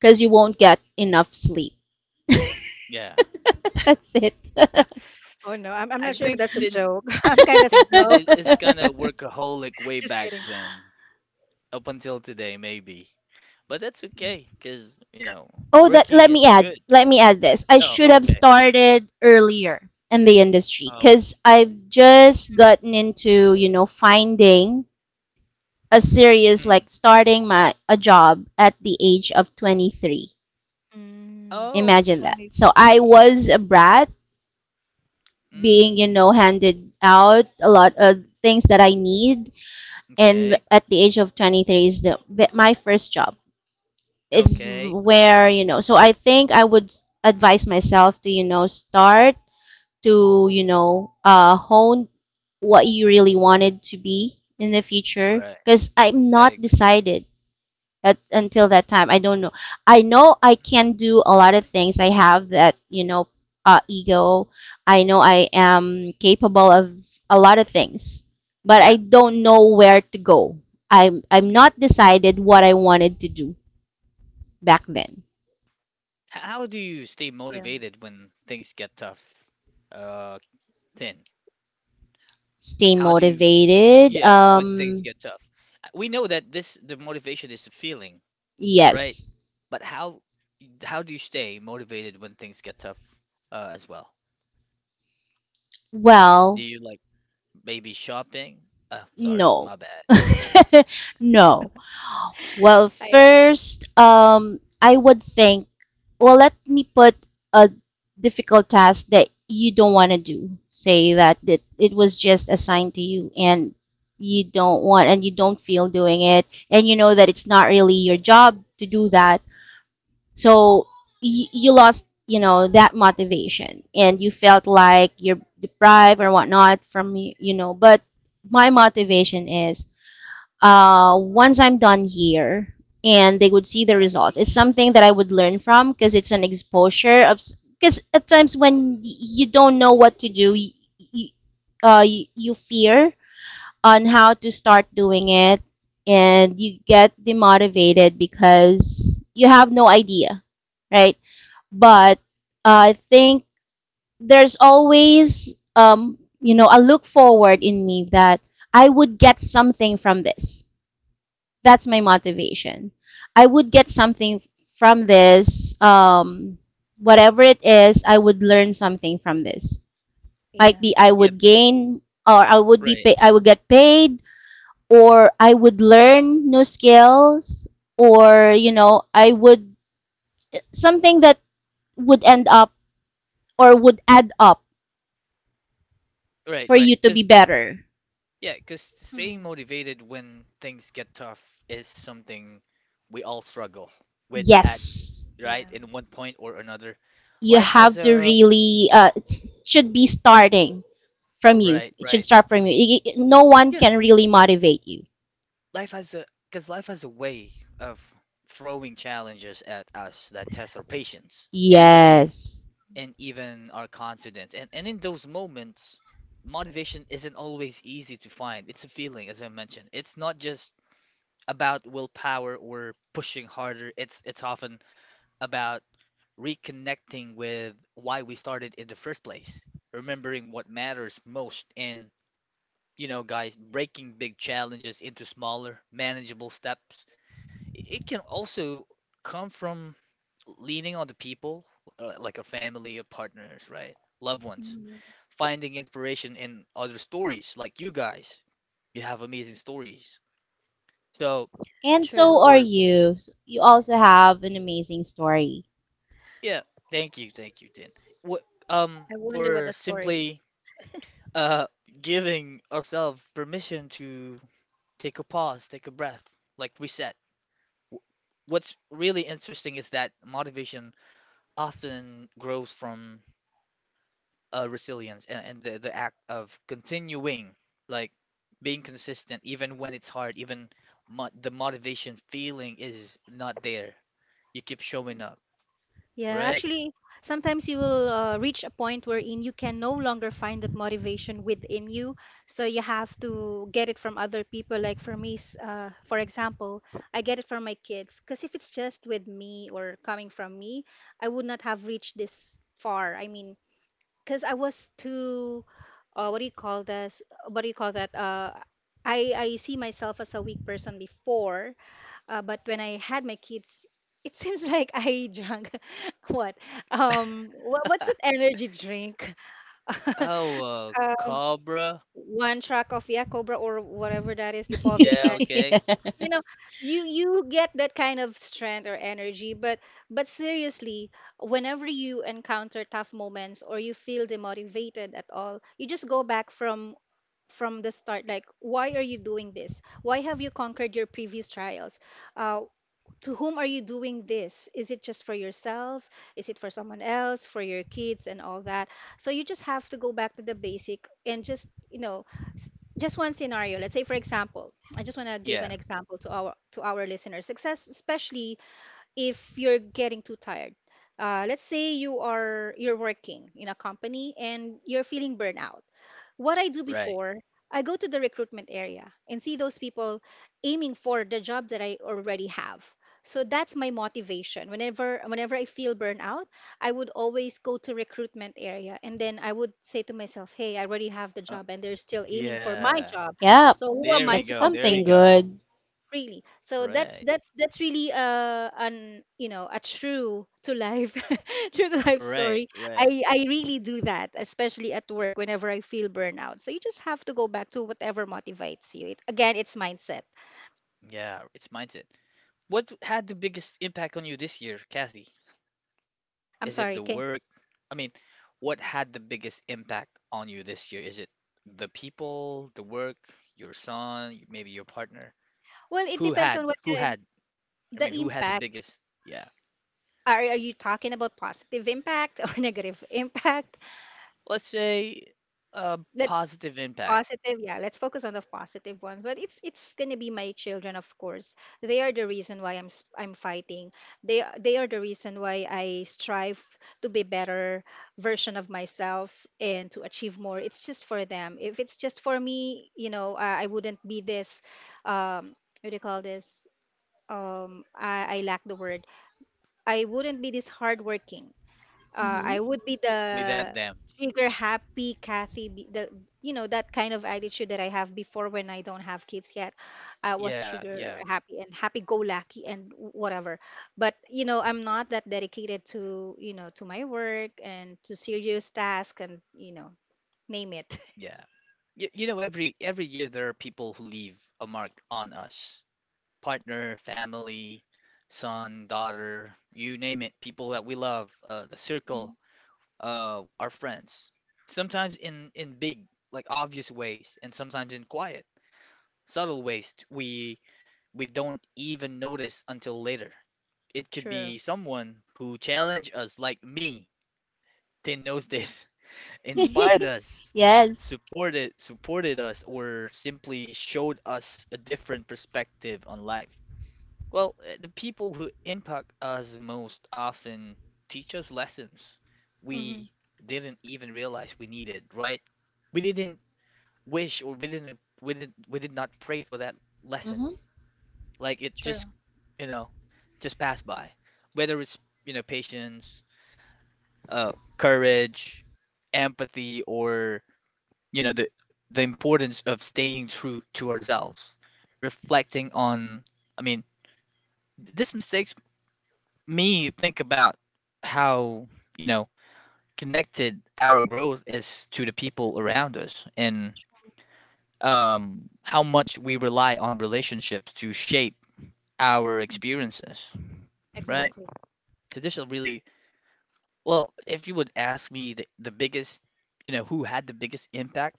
C: because you won't get enough sleep.
A: Yeah.
C: <laughs> That's it.
B: Oh no, I'm
A: I
B: not sure if
A: think
B: that's a
A: Tin
B: joke. <laughs> I'm kind
A: I
B: of
A: think Tin
B: slow.
A: is, kind of
C: <laughs>
A: workaholic
B: <laughs>
A: way
B: Just
A: back
B: kidding.
A: then, up until today maybe. But that's
B: Mm,
A: okay because you know,
C: Oh, that,
A: working
C: let me
A: is
C: add.
A: good.
C: Let me add this. I
A: Oh,
C: should have
A: okay.
C: started earlier in the industry
A: Oh,
C: because I've just gotten into, you know, finding a serious, like
A: mm.
C: starting my a job at the age of 23.
B: mm,
A: Oh,
C: Imagine that. So I
A: 23.
C: was a brat being,
A: Mm.
C: you know, handed out a lot of things that I need, and
B: mm.
A: Okay.
C: at the age of 23 is the my first job. It's
A: Okay.
C: where, you know. So I think I would advise myself to, you know, start to, you know, hone what you really wanted to be in the future.
A: Right.
C: Because I'm
A: I
C: not
A: agree.
C: decided at, until that time. I don't know. I know I
A: Mm.
C: can do a lot of things. I have that, you know, ego. I know I am capable of a lot of things, but I
A: Yeah.
C: don't know where to go. I'm not decided what I wanted to do back then.
A: How do you stay
B: Yeah.
A: motivated when things get tough? Uh, Tin,
C: Stay
A: how do you,
C: motivated.
A: yeah, when things get tough? We know that this the motivation is a feeling, right?
C: Yes.
A: But how do you stay motivated when things get tough as well? Do
C: Well,
A: you like maybe shopping? Oh, sorry,
C: no.
A: my bad.
C: <laughs> No. Well,
B: I
C: first, I would think, well, let me put a difficult task that you don't want to do. Say that it was just assigned to you and you don't want and you don't feel doing it, and you know that it's not really your job to do that. So you lost, you know, that motivation and you felt like you're deprived or whatnot from, you know, but my motivation is once I'm done here and they would see the result, it's something that I would learn from because it's an exposure of. Because at times when you don't know what to do, you, you fear on how to start doing it and you get demotivated because you have no idea, right? But I think there's always, you know, a look forward in me that I would get something from this. That's my motivation. I would get something from this, whatever it is, I would learn something from this. Might
B: yeah,
C: be I
A: Yeah,
C: would gain, or
A: right,
C: I would get paid, or I would learn new skills, or you know, I would something that would end up or would add up
A: right,
C: for you
A: right.
C: to be
A: Because
C: better.
A: yeah, because
B: hmm,
A: staying motivated when things get tough is something we all struggle with at,
C: Yes,
A: right?
B: yeah.
A: In one point or another.
C: you
A: Life has
C: have to
A: a
C: really, it should be starting from you.
A: Right,
C: It should
A: right.
C: start from you. No one
A: Yeah,
C: can really motivate you.
A: life has a because life has a way of throwing challenges at us that test our patience, energy,
C: Yes.
A: and even our confidence. And in those moments, motivation isn't always easy to find. It's a feeling, as I mentioned. It's not just about willpower or pushing harder. It's often about reconnecting with why we started in the first place, remembering what matters most and you know, guys, breaking big challenges into smaller, manageable steps. It can also come from leaning on the people, like a family, or partners, right? Loved ones.
B: Mm,
A: Finding inspiration in other stories, like you guys. You have amazing stories. So,
C: And so
B: true.
C: are
A: or
C: you. You also have an amazing story.
A: yeah, thank you, Tin. What,
B: I wonder what the
A: or
B: story.
A: simply uh giving ourselves permission to take a pause, take a breath, like reset, w- what's really interesting is that motivation often grows from resilience and the act of continuing, like being consistent, even when it's hard, even mo the motivation feeling is not there. You keep showing up,
B: Yeah,
A: right?
B: actually, sometimes you will reach a point wherein you can no longer find that motivation within you. So you have to get it from other people. Like for me, for example, I get it from my kids. Because if it's just with me or coming from me, I would not have reached this far. I mean, because I was too, what do you call this? What do you call that? I see myself as a weak person before but when I had my kids, it seems <laughs> like I drank <laughs> what? What's that
A: <laughs>
B: energy drink? <laughs> uh,
A: Oh, Cobra?
B: one track of yeah, Cobra or whatever that is,
A: Yeah,
B: Lipovitan.
A: okay.
B: You
C: <laughs>
B: know, you get that kind of strength or energy, but seriously, whenever you encounter tough moments or you feel demotivated at all, you just go back from the start. Like why are you doing this, why have you conquered your previous trials, uh, to whom are you doing this? Is it just for yourself? Is it for someone else, for your kids, and all that? So you just have to go back to the basic and just, you know, s- just one scenario. Let's say, for example, I just want to give
A: Yeah,
B: an example to our listeners, success, especially if you're getting too tired. Let's say you're working in a company and you're feeling burnout. What I do
A: right.
B: before, I go to the recruitment area and see those people aiming for the job that I already have. So that's my motivation. Whenever I feel burnout, I would always go to recruitment area and then I would say to myself, "Hey, I already have the
A: Uh,
B: job and they're still aiming for my
A: yeah.
B: job.
C: Yep.
B: So who am
A: There
B: I
A: we
C: That's
B: to
A: go. There
C: something
A: we
B: complain?"
A: go.
C: good.
B: Really, so that's
A: Right.
B: that's that's really an you know a true to life <laughs> true to life
A: Right,
B: story.
A: right.
B: I really do that, especially at work whenever I feel burnout. So you just have to go back to whatever motivates you. It, again, it's mindset.
A: Yeah, it's mindset. What had the biggest impact on you this year, Kathy?
B: I'm
A: Is it
B: sorry.
A: the
B: Okay.
A: work? I mean, what had the biggest impact on you this year? Is it the people, the work, your son, maybe your partner?
B: Well, it
A: Who
B: depends
A: had,
B: on what
A: who
B: kind
A: had, I
B: the
A: mean, who had the
B: impact,
A: biggest, yeah.
B: are you talking about positive impact or <laughs> negative impact?
A: Let's say a
B: Let's
A: positive impact.
B: positive, yeah, let's focus on the positive ones. But it's gonna be my children, of course. They are the reason why I'm fighting. They are the reason why I strive to be better version of myself and to achieve more. It's just for them. If it's just for me, you know, I wouldn't be this what do you call this, I lack the word. I wouldn't be this hardworking. Uh,
C: Hmm.
B: I would be
A: Without
B: the
A: them.
B: trigger happy Kathy, the you know that kind of attitude that I have before when I don't have kids yet. I was
A: Yeah,
B: trigger
A: yeah,
B: happy and happy go lucky and whatever. But you know, I'm not that dedicated to you know to my work and to serious task and you know name it.
A: yeah. You know, every year there are people who leave a mark on us. Partner, family, son, daughter, you name it, people that we love, the circle,
B: Mhm.
A: our friends. Sometimes in big, like obvious ways, and sometimes in quiet, subtle ways, we don't even notice until later. It
B: <laughs>
A: could
B: True.
A: be someone who challenged us, like me. Tin knows this, <laughs> inspired us,
C: <laughs> Yes.
A: supported us, or simply showed us a different perspective on life. Well, the people who impact us most often teach us lessons
B: Mm-hmm.
A: we didn't even realize we needed, right? We didn't we did we did not pray for that lesson.
C: Hmm.
A: Like it just,
B: True.
A: you know, just passed by. Whether it's, you know, patience, courage, empathy, or, you know, the importance of staying true to ourselves, reflecting on, I mean, these mistakes, me think about how you know connected our growth is to the people around us and
B: True.
A: how much we rely on relationships to shape our experiences, right?
B: Exactly.
A: So this is really, well, if you would ask me the biggest, you know, who had the biggest impact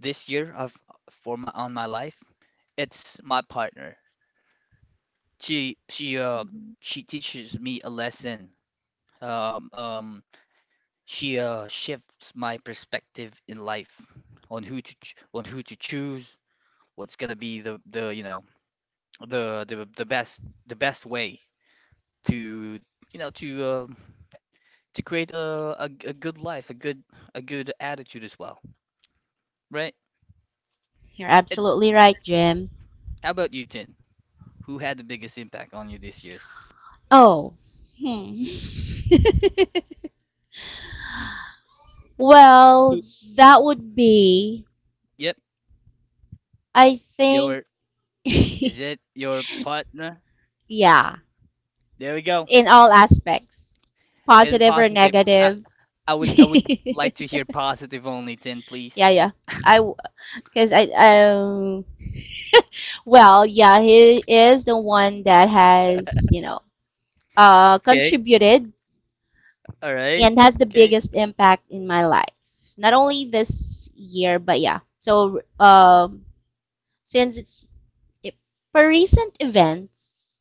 A: this year of for my on my life, it's my partner. She she teaches me a lesson, um um she shifts my perspective in life on who to on who to choose, what's gonna be the you know the best, the best way to you know to create a good life, a good, a good attitude as well, right?
C: You're
A: And
C: absolutely right, Jim.
A: how about you, Tin? Who had the biggest impact on you this year?
C: Oh. Hmm. <laughs> Well,
A: Who-
C: that would be,
A: Yep,
C: I think,
A: your is
C: <laughs>
A: it your partner?
C: yeah,
A: There we go.
C: in all aspects,
A: And
C: positive or
A: positive.
C: negative.
A: I
C: <laughs>
A: would
C: Yeah,
A: like to hear positive only, Tin, please.
C: yeah. I, because I well, yeah, he is the one that has, you know, contributed
A: All right.
C: and has the
A: Okay.
C: biggest impact in my life. Not only this year, but yeah. So since it's it, for recent events,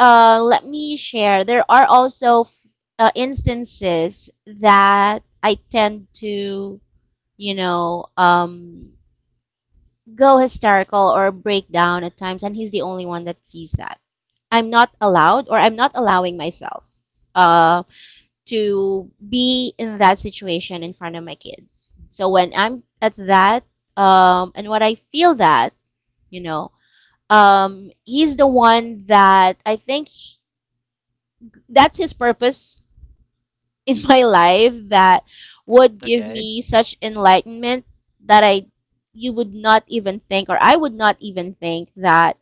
C: let me share. There are also instances that I tend to, you know, go hysterical or break down at times, and he's the only one that sees that. I'm not allowed, or I'm not allowing myself uh, to be in that situation in front of my kids. So when I'm at that, and when I feel that, you know, he's the one that I think that's his purpose in my life, that would give
A: Okay.
C: me such enlightenment that I you would not even think, or I would not even think that,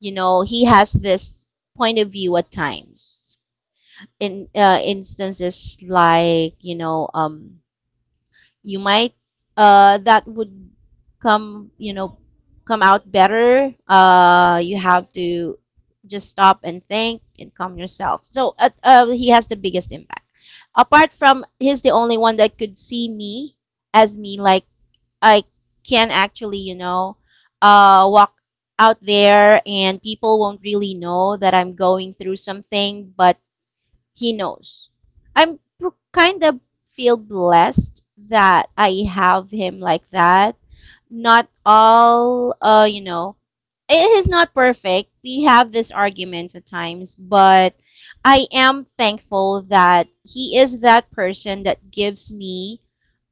C: you know, he has this point of view at times in, instances like, you know, you might that would come, you know, come out better. You have to just stop and think and calm yourself. So, he has the biggest impact. Apart from he's the only one that could see me as me, like I can actually, you know, walk out there and people won't really know that I'm going through something, but he knows. I'm kind of feel blessed that I have him like that. Not all, you know, it is not perfect. We have this argument at times, but I am thankful that he is that person that gives me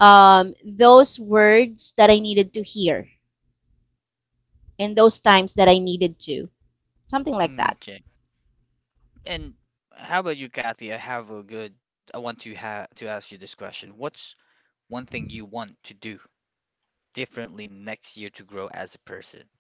C: those words that I needed to hear in those times that I needed to. Something like that.
A: Okay. And how about you, Kathy? I have a good. I want to have to ask you this question. What's one thing you want to do differently next year to grow as a person?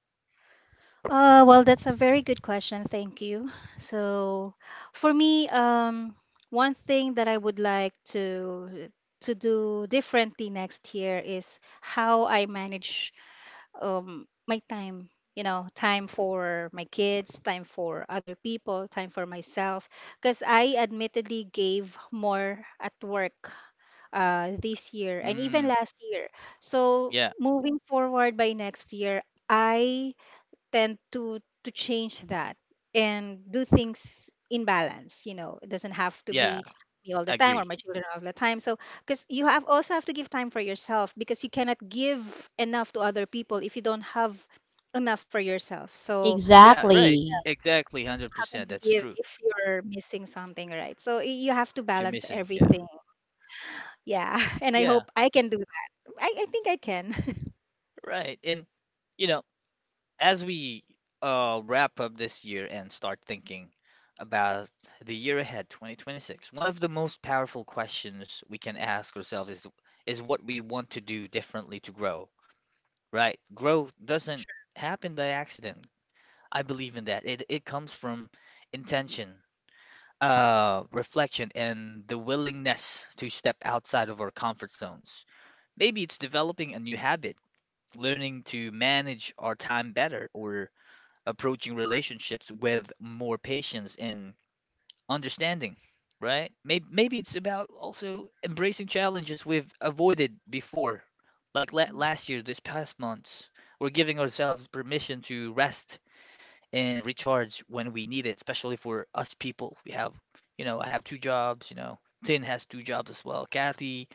B: Well, that's a very good question. Thank you. So, for me, one thing that I would like to do differently next year is how I manage my time. You know, time for my kids, time for other people, time for myself. Because I admittedly gave more at work this year and even
A: Mm,
B: last year. So,
A: yeah.
B: moving forward by next year, I tend to change that and do things in balance. You know, it doesn't have to
A: Yeah.
B: be me all the time or
A: Agree.
B: my children all the time, so because you have also have to give time for yourself, because you cannot give enough to other people if you don't have enough for yourself. So
A: Yeah. Right.
C: Exactly.
A: Exactly. one Hundred
B: how can
A: percent.
B: you
A: That's
B: give
A: true.
B: if you're missing something, right? So you have to
A: If you're
B: balance
A: missing, yeah.
B: everything. Yeah. <laughs> And I
A: Yeah.
B: hope I can do that. I think I can. <laughs>
A: Right. And you know, as we wrap up this year and start thinking about the year ahead, 2026, one of the most powerful questions we can ask ourselves is what we want to do differently to grow, right? Growth doesn't happen by accident. I believe in that. It comes from intention, reflection, and the willingness to step outside of our comfort zones. Maybe it's developing a new habit, learning to manage our time better, or approaching relationships with more patience and understanding, right? Maybe it's about also embracing challenges we've avoided before. Like la last year, this past month, we're giving ourselves permission to rest and recharge when we need it, especially for us people. We have, you know, I have two jobs, you know. Tin has two jobs as well. Kathy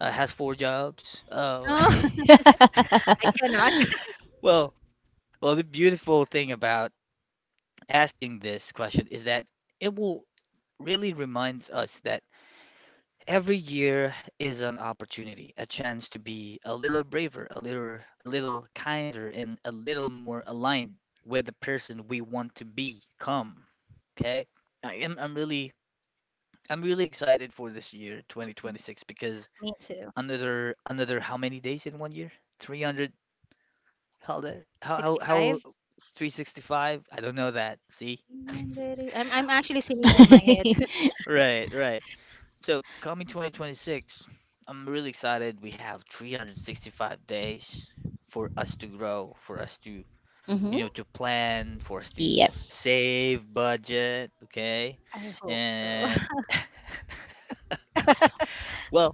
A: has four jobs.
B: No. <laughs> I
C: <laughs>
B: cannot. <laughs>
A: <laughs> Well, well, the beautiful thing about asking this question is that it will really reminds us that every year is an opportunity, a chance to be a little braver, a little kinder and a little more aligned with the person we want to become. Okay? I'm really excited for this year, 2026, because
B: Me too.
A: another another how many days in one year? 300, how that how
B: 65.
A: 365? I don't know that. See? <laughs>
B: Yandere. I'm actually singing in my head. <laughs>
C: <laughs>
A: Right, right. So, coming 2026, I'm really excited. We have 365 days for us to grow, for us to,
C: Hmm.
A: you know, to plan, for us to
C: Yes.
A: save budget, okay?
B: I hope so. <laughs>
A: And <laughs> well,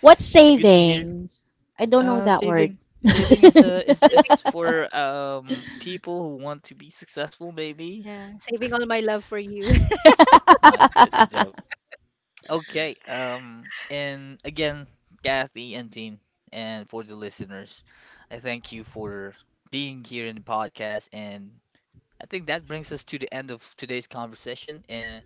C: What
A: it's good to hear.
C: savings? I don't know that word. <laughs>
A: Saving is a is
B: Saving
A: is
B: the sp-
A: for people who want to be successful, maybe.
B: yeah, saving all my love for you. <laughs>
A: My, that's a joke. Okay. And again, Kathy and Dean, and for the listeners, I thank you for being here in the podcast. And I think that brings us to the end of today's conversation. And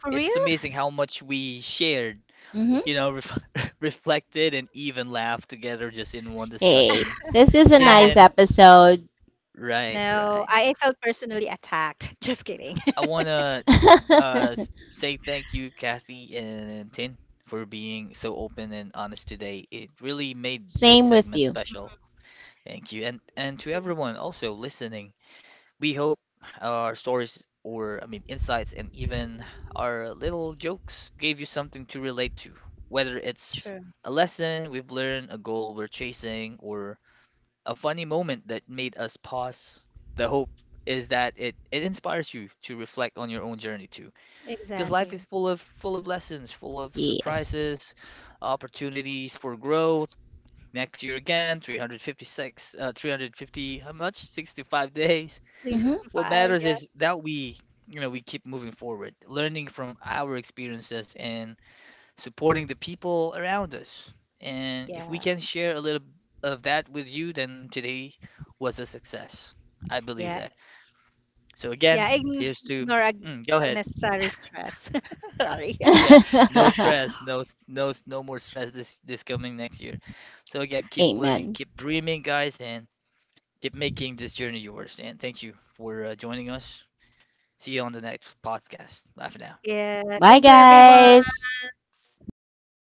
B: For
A: it's
B: real?
A: amazing how much we shared,
C: Hmm.
A: you know, ref <laughs> reflected and even laughed together just in one
C: Hey,
A: discussion.
C: this is a
B: <laughs> I,
A: Tin
B: I
C: nice
A: and
C: episode.
A: right,
B: no,
A: right.
B: I felt personally attacked. <laughs> Just kidding.
A: I wanna
C: <laughs>
A: say thank you, Kathy and Tin, for being so open and honest today. It really made this
C: Same with
A: segment
C: you.
A: special. Thank you. And to
B: <laughs>
A: everyone also listening, we hope our stories, or I mean insights and even our little jokes gave you something to relate to, whether it's
B: True.
A: a lesson we've learned, a goal we're chasing, or a funny moment that made us pause. The hope is that it inspires you to reflect on your own journey too, because life
B: Exactly.
A: is full of lessons, full of
C: Yes.
A: surprises, opportunities for growth. Next year again, 356, 350, how much? 65 days.
C: Hmm.
A: What
B: 365.
A: matters
B: Yeah.
A: is that we, you know, we keep moving forward, learning from our experiences and supporting the people around us. And if we
B: Yeah.
A: can share a little of that with you, then today was a success. I believe
B: Yeah.
A: that. So again,
B: Yeah.
A: here's to,
B: Ignore ag-
A: mm, go ahead.
B: Unnecessary
A: <laughs>
B: stress. <laughs>
A: <laughs>
B: Sorry.
A: Yeah,
B: <laughs>
A: no stress,
C: <laughs>
A: no more stress this this coming next year. So again, keep learning,
C: Amen.
A: keep dreaming, guys, and keep making this journey yours. And thank you for joining us. See you on the next podcast. Bye for now.
B: Yeah.
C: Bye,
B: Thank you, everyone.
C: guys.